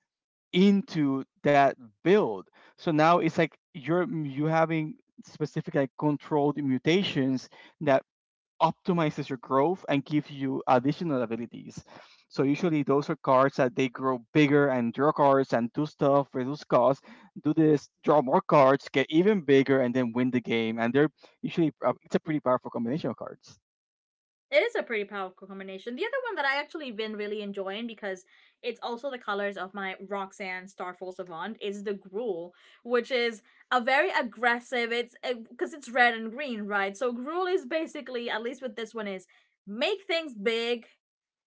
B: into that build. So now it's like you having specific like controlled mutations that optimizes your growth and gives you additional abilities. So usually those are cards that they grow bigger and draw cards and do stuff, reduce costs, do this, draw more cards, get even bigger, and then win the game. And they're usually, it's a pretty powerful combination of cards.
A: It is a pretty powerful combination. The other one that I actually been really enjoying, because it's also the colors of my Roxanne Starfall Savant, is the Gruel, which is a very aggressive. It's because it's red and green, right? So Gruel is basically, at least with this one, is make things big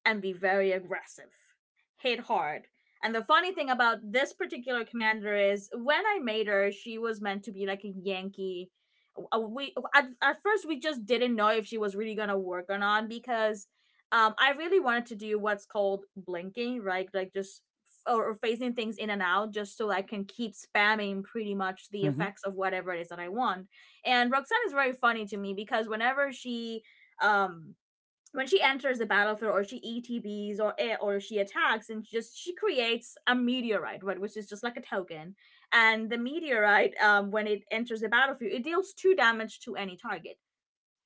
A: and be very aggressive. Hit hard. And the funny thing about this particular commander is when I made her, she was meant to be like a Yankee. We at first we just didn't know if she was really gonna work or not, because I really wanted to do what's called blinking, right? Like just or phasing things in and out just so I can keep spamming pretty much the
B: Mm-hmm.
A: effects of whatever it is that I want. And Roxanne is very funny to me because whenever she um when she enters the battlefield, or she ETBs, or or she attacks, and she just she creates a meteorite, right, which is just like a token. And the meteorite, when it enters the battlefield, it deals two damage to any target,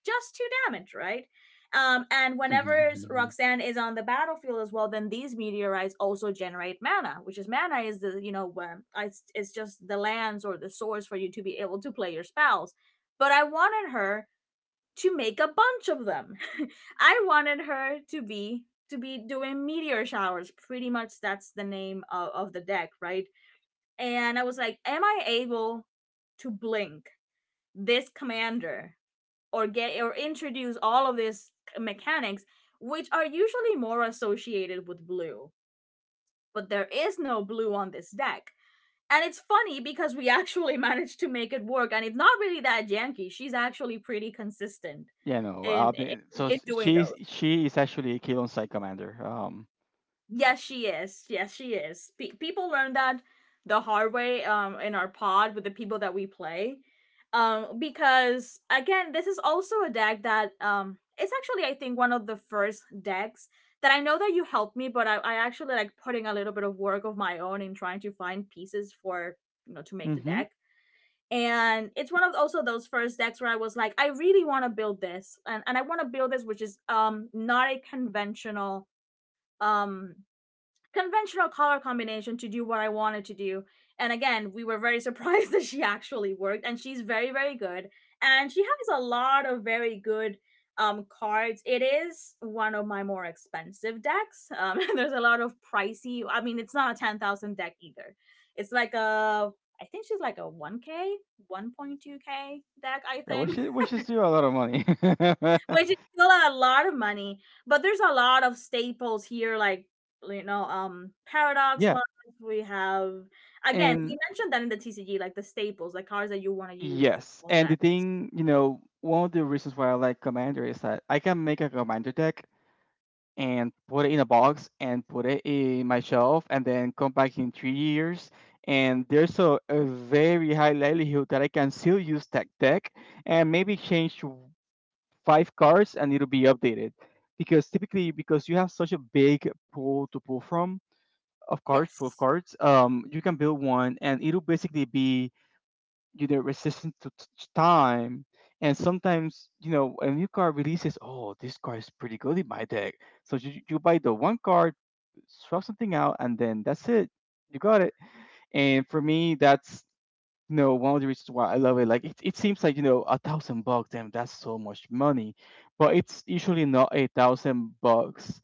A: just two damage, right? And whenever Roxanne is on the battlefield as well, then these meteorites also generate mana, which is mana is the it's just the lands or the source for you to be able to play your spells. But I wanted her to make a bunch of them. I wanted her to be doing meteor showers. Pretty much that's the name of the deck, right? And I was like, am I able to blink this commander or get or introduce all of these mechanics which are usually more associated with blue, but there is no blue on this deck. And it's funny because we actually managed to make it work, and it's not really that janky. She's actually pretty consistent
B: Yeah, no. Uh, b- so
A: in
B: s-
A: doing
B: she's
A: those.
B: she is actually a Keelon side commander.
A: Yes, she is. Yes, she is. People learn that the hard way in our pod with the people that we play. Because again, this is also a deck that it's actually I think one of the first decks that I know that you helped me, but I actually like putting a little bit of work of my own in trying to find pieces for you know to make the
B: Mm-hmm.
A: deck. And it's one of also those first decks where I was like, I really want to build this, and I want to build this, which is not a conventional um conventional color combination to do what I wanted to do. And again, we were very surprised that she actually worked, and she's very, very good. And she has a lot of very good cards. It is one of my more expensive decks. There's a lot of pricey. I mean, it's not a 10,000 deck either. It's like a I think she's like a 1k, 1.2k deck, I
B: Yeah, which is
A: think.
B: still a lot of money.
A: Which is still a lot of money. But there's a lot of staples here, like Paradox
B: Yeah,
A: Live. We have again, we
B: and
A: mentioned that in the TCG, like the staples, the cars that you want to use,
B: yes,
A: all
B: and the
A: that.
B: thing you know, one of the reasons why I like commander is that I can make a commander deck and put it in a box and put it in my shelf and then come back in 3 years. And there's a very high likelihood that I can still use that deck and maybe change five cards and it'll be updated, because typically, because you have such a big pool to pull from, of cards full of
A: Yes,
B: cards, you can build one and it'll basically be, resistant to time. And sometimes, a new card releases. Oh, this card is pretty good in my deck. So you buy the one card, swap something out, and then that's it, you got it. And for me, that's, no, one of the reasons why I love it. Like it seems like, $1,000, damn, that's so much money, but it's usually not $1,000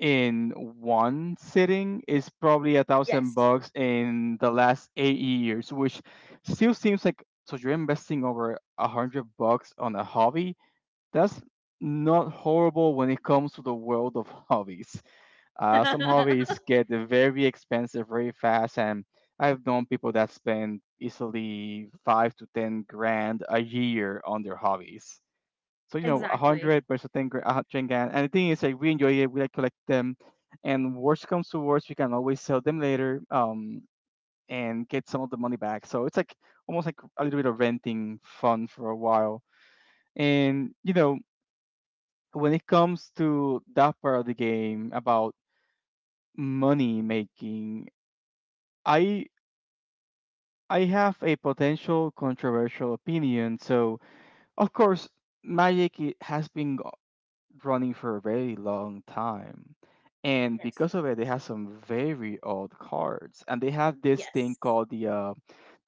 B: in one sitting. It's probably a thousand
A: yes,
B: bucks in the last 8 years, which still seems like, so you're investing over $100 on a hobby. That's not horrible when it comes to the world of hobbies. Some hobbies get very expensive very fast, and I've known people that spend easily 5 to 10 grand a year on their hobbies. So, a
A: exactly.
B: hundred versus 10 grand, 100 grand. And the thing is, like, we enjoy it, we like collect them, and worst comes to worst, we can always sell them later, and get some of the money back. So it's like almost like a little bit of renting fun for a while. And, when it comes to that part of the game about money making, I I have a potential controversial opinion. So, of course, Magic has been running for a very long time. And
A: Yes,
B: because of it, they have some very old cards. And they have this thing
A: yes.
B: called the uh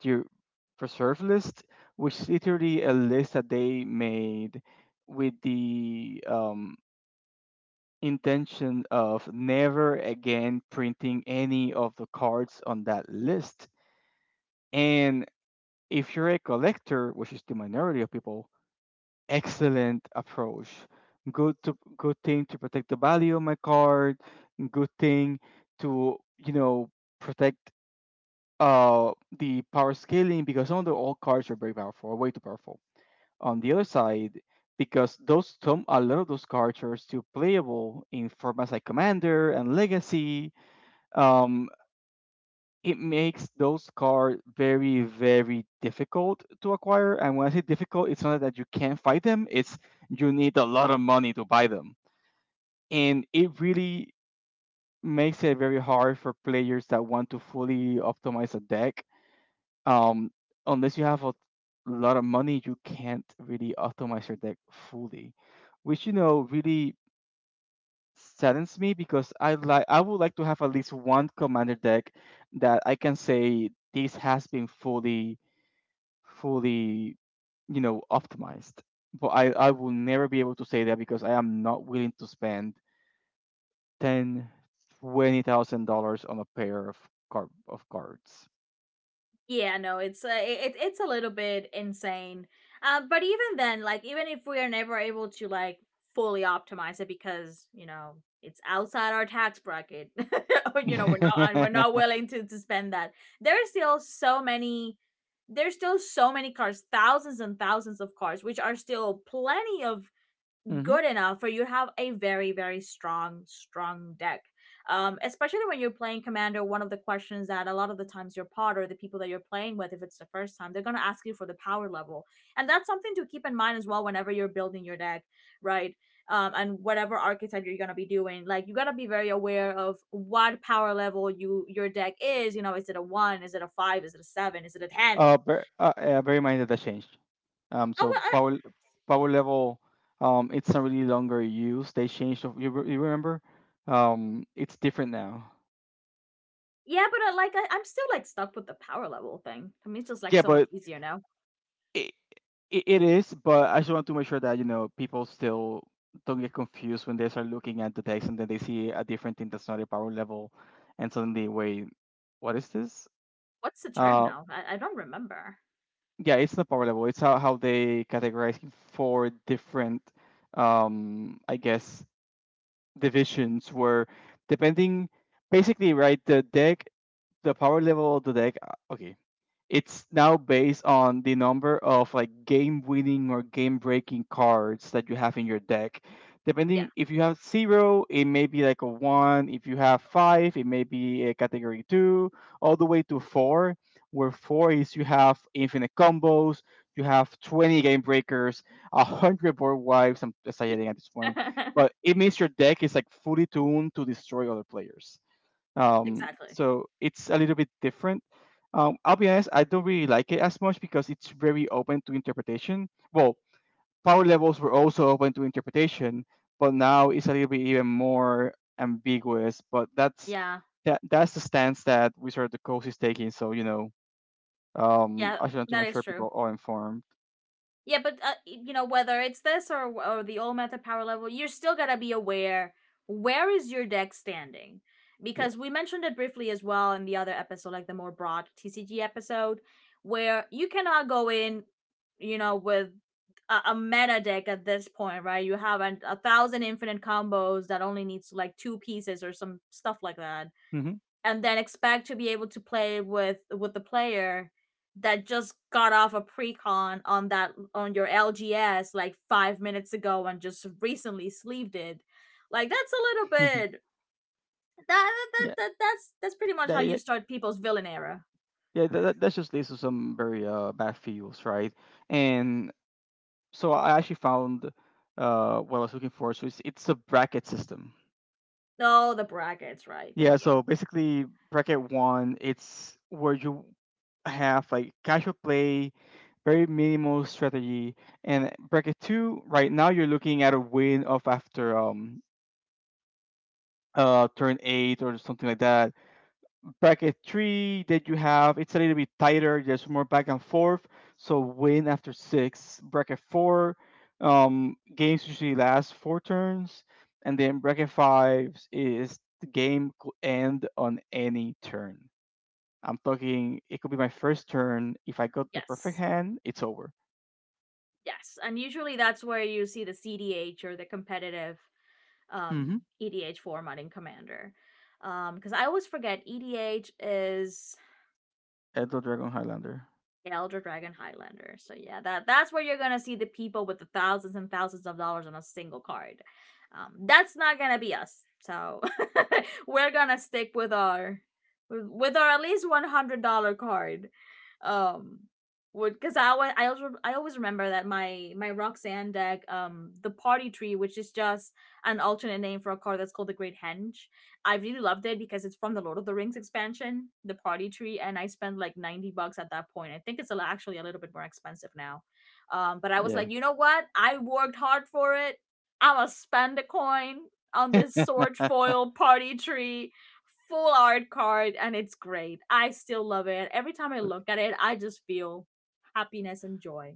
B: the reserve list, which is literally a list that they made with the intention of never again printing any of the cards on that list. And if you're a collector, which is the minority of people, excellent approach. Good thing to protect the value of my card. Good thing to protect uh the power scaling, because some of the old cards are very powerful, are way too powerful. On the other side, because those some a lot of those cards are still playable in formats like Commander and Legacy, um, it makes those cards very, very difficult to acquire. And when I say difficult, it's not that you can't fight them, it's you need a lot of money to buy them. And it really makes it very hard for players that want to fully optimize a deck. Um, Unless you have a lot of money, you can't really optimize your deck fully, which, really saddens me, because I would like to have at least one commander deck that I can say this has been fully optimized. But I will never be able to say that because I am not willing to spend ten, $20,000 on a pair of cards.
A: Yeah, no, it's it's a little bit insane. But even then, like even if we are never able to like fully optimize it because you know it's outside our tax bracket, or, you know we're not and we're not willing to spend that. There are still so many. There's still so many cars, thousands and thousands of cars, which are still plenty of
B: Hmm.
A: good enough for you to have a very very strong strong deck. Especially when you're playing commander, one of the questions that a lot of the times your pod or the people that you're playing with, if it's the first time, they're going to ask you for the power level. And that's something to keep in mind as well whenever you're building your deck, right? And whatever archetype you're going to be doing, like you got to be very aware of what power level you your deck is. You know, is it a one, is it a five, is it a seven, is it a ten?
B: Bear in mind that that changed.
A: Oh
B: So
A: well, I,
B: power level, it's not really longer used. They changed. You remember? It's different now.
A: yeah, but like I'm still like stuck with the power level thing. To me it's just like
B: Yeah,
A: so much
B: but
A: easier now.
B: it, it is, but I just want to make sure that people still don't get confused when they start looking at the text and then they see a different thing that's not a power level, and suddenly, wait, what is this?
A: What's the term
B: Uh,
A: now? I don't remember.
B: yeah, it's not power level. It's how they categorize four different, I guess divisions where, depending, basically, right, the power level of the deck, okay, it's now based on the number of like game winning or game breaking cards that you have in your deck.
A: Yeah,
B: Depending if you have zero, it may be like a one. If you have five, it may be a category two, all the way to four, where four is you have infinite combos, you have 20 game breakers, 100 board wipes. I'm exaggerating at this point, but it means your deck is like fully tuned to destroy other players.
A: exactly.
B: So it's a little bit different. I'll be honest, I don't really like it as much because it's very open to interpretation. Well, power levels were also open to interpretation, but now it's a little bit even more ambiguous. But that's
A: Yeah,
B: that that's the stance that Wizard of the Coast is taking. So,
A: yeah,
B: I just want to
A: that
B: make
A: is
B: sure
A: true.
B: people are informed.
A: Yeah, but you know whether it's this or the old meta power level, you're still gotta be aware where is your deck standing,
B: Yeah.
A: because we mentioned it briefly as well in the other episode, like the more broad TCG episode, where you cannot go in, you know, with a meta deck at this point, right? You have a thousand infinite combos that only needs like two pieces or some stuff like that,
B: Hmm.
A: and then expect to be able to play with the player that just got off a pre-con on that on your LGS like 5 minutes ago and just recently sleeved it. Like that's a
B: Hmm.
A: little bit that,
B: Yeah.
A: that's pretty much how
B: That,
A: you
B: yeah.
A: start people's villain era.
B: Yeah, that just leads to some very bad feels, right? And so I actually found, what I was looking for. So it's a bracket system.
A: Oh, the brackets, right. Thank
B: Yeah.
A: you.
B: So basically, bracket one, it's where you have like casual play, very minimal strategy, and bracket two. Right now, you're looking at a win of after turn eight or something like that. Bracket three, that you have, it's a little bit tighter, there's more back and forth, so win after six. Bracket four, games usually last four turns. And then bracket five is the game could end on any turn. I'm talking, it could be my first turn. If I got the perfect
A: Yes.
B: hand, it's over.
A: Yes. And usually that's where you see the CDH or the competitive
B: Mm-hmm.
A: um EDH format in Commander. Cuz I always forget EDH is.
B: Elder Dragon Highlander.
A: Yeah, Elder Dragon Highlander. So yeah, that that's where you're gonna see the people with the thousands and thousands of dollars on a single card. That's not gonna be us. So we're gonna stick with our with our at least $100 card. Um, would, because I always I always remember that my Roxanne deck the party tree, which is just an alternate name for a card that's called the Great Henge. I really loved it because it's from the Lord of the Rings expansion, the party tree, and I spent like 90 bucks at that point. I think it's actually a little bit more expensive now. But I was
B: Yeah.
A: like, you know what? I worked hard for it. I'm going to spend a coin on this sword foil party tree, full art card, and it's great. I still love it. Every time I look at it, I just feel happiness and joy.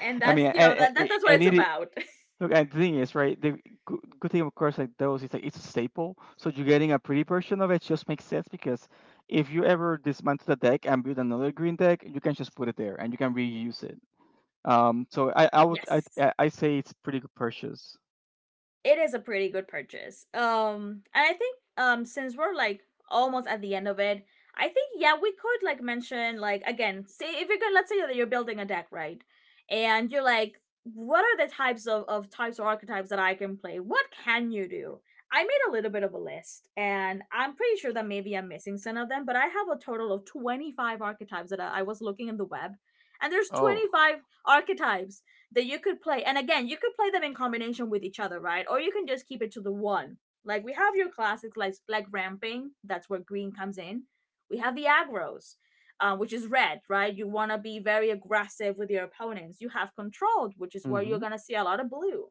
A: And
B: I mean,
A: that's, you know,
B: and,
A: that's what
B: and
A: it's
B: it
A: about.
B: look, and the thing is, right? The good thing, of course, like those is like it's a staple. So you're getting a pretty version of it just makes sense, because if you ever dismantle the deck and build another green deck, you can just put it there and you can reuse it. So I would
A: Yes.
B: I say it's pretty good purchase.
A: It is a pretty good purchase. And I think since we're like almost at the end of it, I think yeah we could like mention, like again say if you're gonna, let's say that you're building a deck, right, and you're like what are the types of types or archetypes that I can play? What can you do? I made a little bit of a list, and I'm pretty sure that maybe I'm missing some of them, but I have a total of 25 archetypes that I was looking in the web, and there's
B: Oh.
A: 25 archetypes that you could play. And again, you could play them in combination with each other, right? Or you can just keep it to the one. Like we have your classics like ramping, that's where green comes in. We have the aggros, which is red, right? You wanna be very aggressive with your opponents. You have controlled, which is where you're
B: Mm-hmm.
A: gonna see a lot of blue.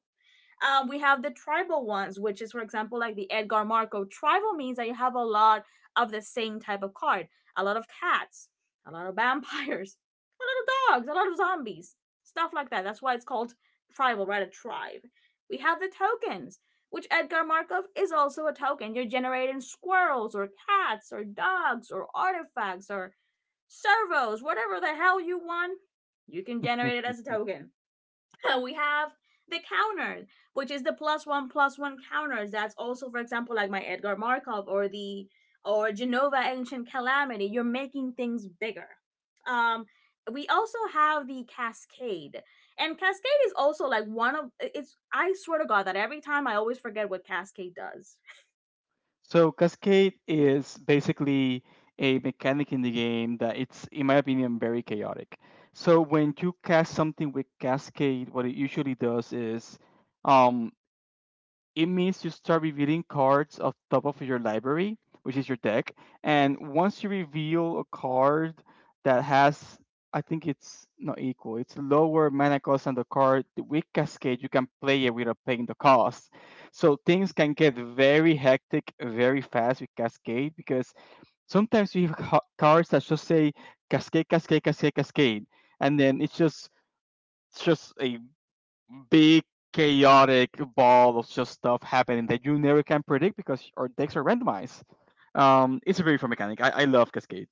A: We have the tribal ones, which is, for example, like the Edgar Marco. Tribal means that you have a lot of the same type of card, a lot of cats, a lot of vampires, a lot of dogs, a lot of zombies, stuff like that. That's why it's called tribal, right? A tribe. We have the tokens, which Edgar Markov is also a token. You're generating squirrels or cats or dogs or artifacts or servos, whatever the hell you want, you can generate it as a token. We have the counter, which is the plus one counters. That's also, for example, like my Edgar Markov or the or Genova Ancient Calamity. You're making things bigger. Um, we also have the cascade, and cascade is also like one of it's. I swear to God that every time I always forget what cascade does.
B: So Cascade is basically a mechanic in the game that it's, in my opinion, very chaotic. So when you cast something with Cascade, what it usually does is, um. it means you start revealing cards off top of your library, which is your deck. And once you reveal a card that has, I think it's not equal, it's lower mana cost than the card with Cascade, you can play it without paying the cost. So things can get very hectic very fast with Cascade, because sometimes you have cards that just say Cascade, Cascade, Cascade, Cascade. And then it's just a big chaotic ball of just stuff happening that you never can predict because our decks are randomized. It's a very fun mechanic. I love Cascade.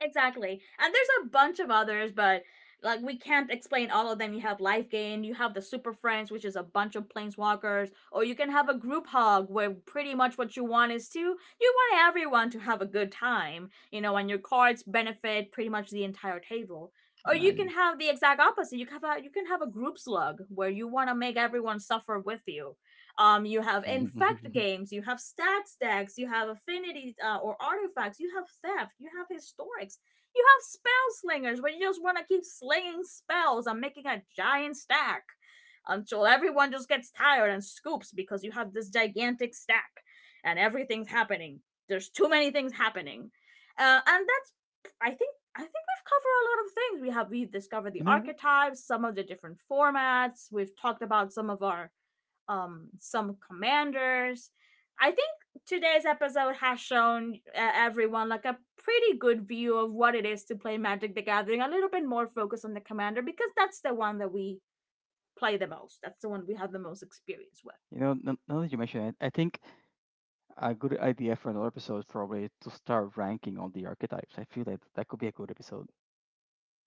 A: Exactly. And there's a bunch of others, but like we can't explain all of them. You have Life Gain, you have the Super Friends, which is a bunch of planeswalkers, or you can have a group hug, where pretty much what you want is to you want everyone to have a good time, you know, and your cards benefit pretty much the entire table. Or you can
B: Imagine.
A: have the exact opposite. You can have you can have a group slug where you want to make everyone suffer with you. You have infect games, you have stats decks, you have affinity or artifacts, you have theft, you have historics, you have spell slingers where you just want to keep slinging spells and making a giant stack until everyone just gets tired and scoops because you have this gigantic stack and everything's happening. There's too many things happening, and that's I think we've covered a lot of things. We have we discovered the
B: You know,
A: archetypes, some of the different formats. We've talked about some of our some commanders. I think today's episode has shown everyone like a pretty good view of what it is to play Magic the Gathering. A little bit more focus on the commander because that's the one that we play the most. That's the one we have the most experience with.
B: you know. Now, now that you mention it, I think a good idea for another episode is probably to start ranking all the archetypes. I feel that that could be a good episode.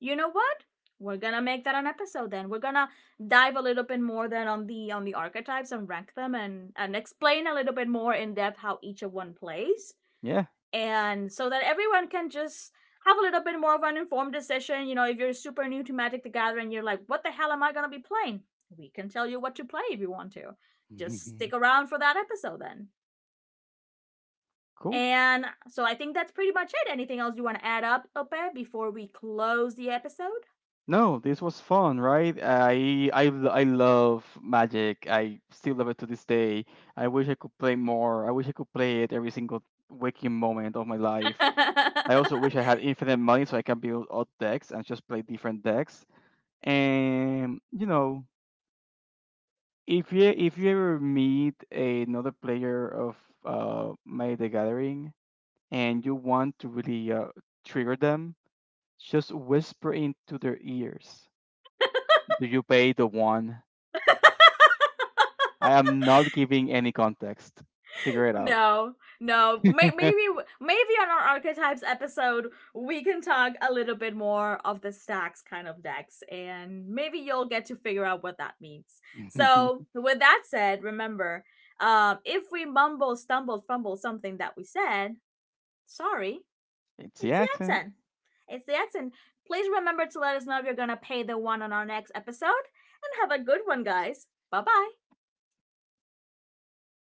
A: You know what? We're gonna make that an episode then. We're gonna dive a little bit more then on the archetypes and rank them, and explain a little bit more in depth how each of one plays.
B: Yeah.
A: And so that everyone can just have a little bit more of an informed decision. You know, if you're super new to Magic the Gathering, you're like, what the hell am I gonna be playing? We can tell you what to play if you want to. Just stick around for that episode then.
B: Cool.
A: And so I think that's pretty much it. Anything else you want to add up, Ope, before we close the episode?
B: No, this was fun, right? I love Magic. I still love it to this day. I wish I could play more. I wish I could play it every single waking moment of my life. I also wish I had infinite money so I can build odd decks and just play different decks. And, if you ever meet another player of Magic the Gathering, and you want to really trigger them, just whisper into their ears. Do you pay the one? I am not giving any context. Figure it out.
A: No, no. Maybe, maybe on our archetypes episode, we can talk a little bit more of the stacks kind of decks, and maybe you'll get to figure out what that means. So, with that said, remember, if we mumble, stumble, fumble something that we said, sorry,
B: It's the
A: it's the
B: accent.
A: accent. It's the accent. Please remember to let us know if you're gonna pay the one on our next episode, and have a good one, guys. Bye bye.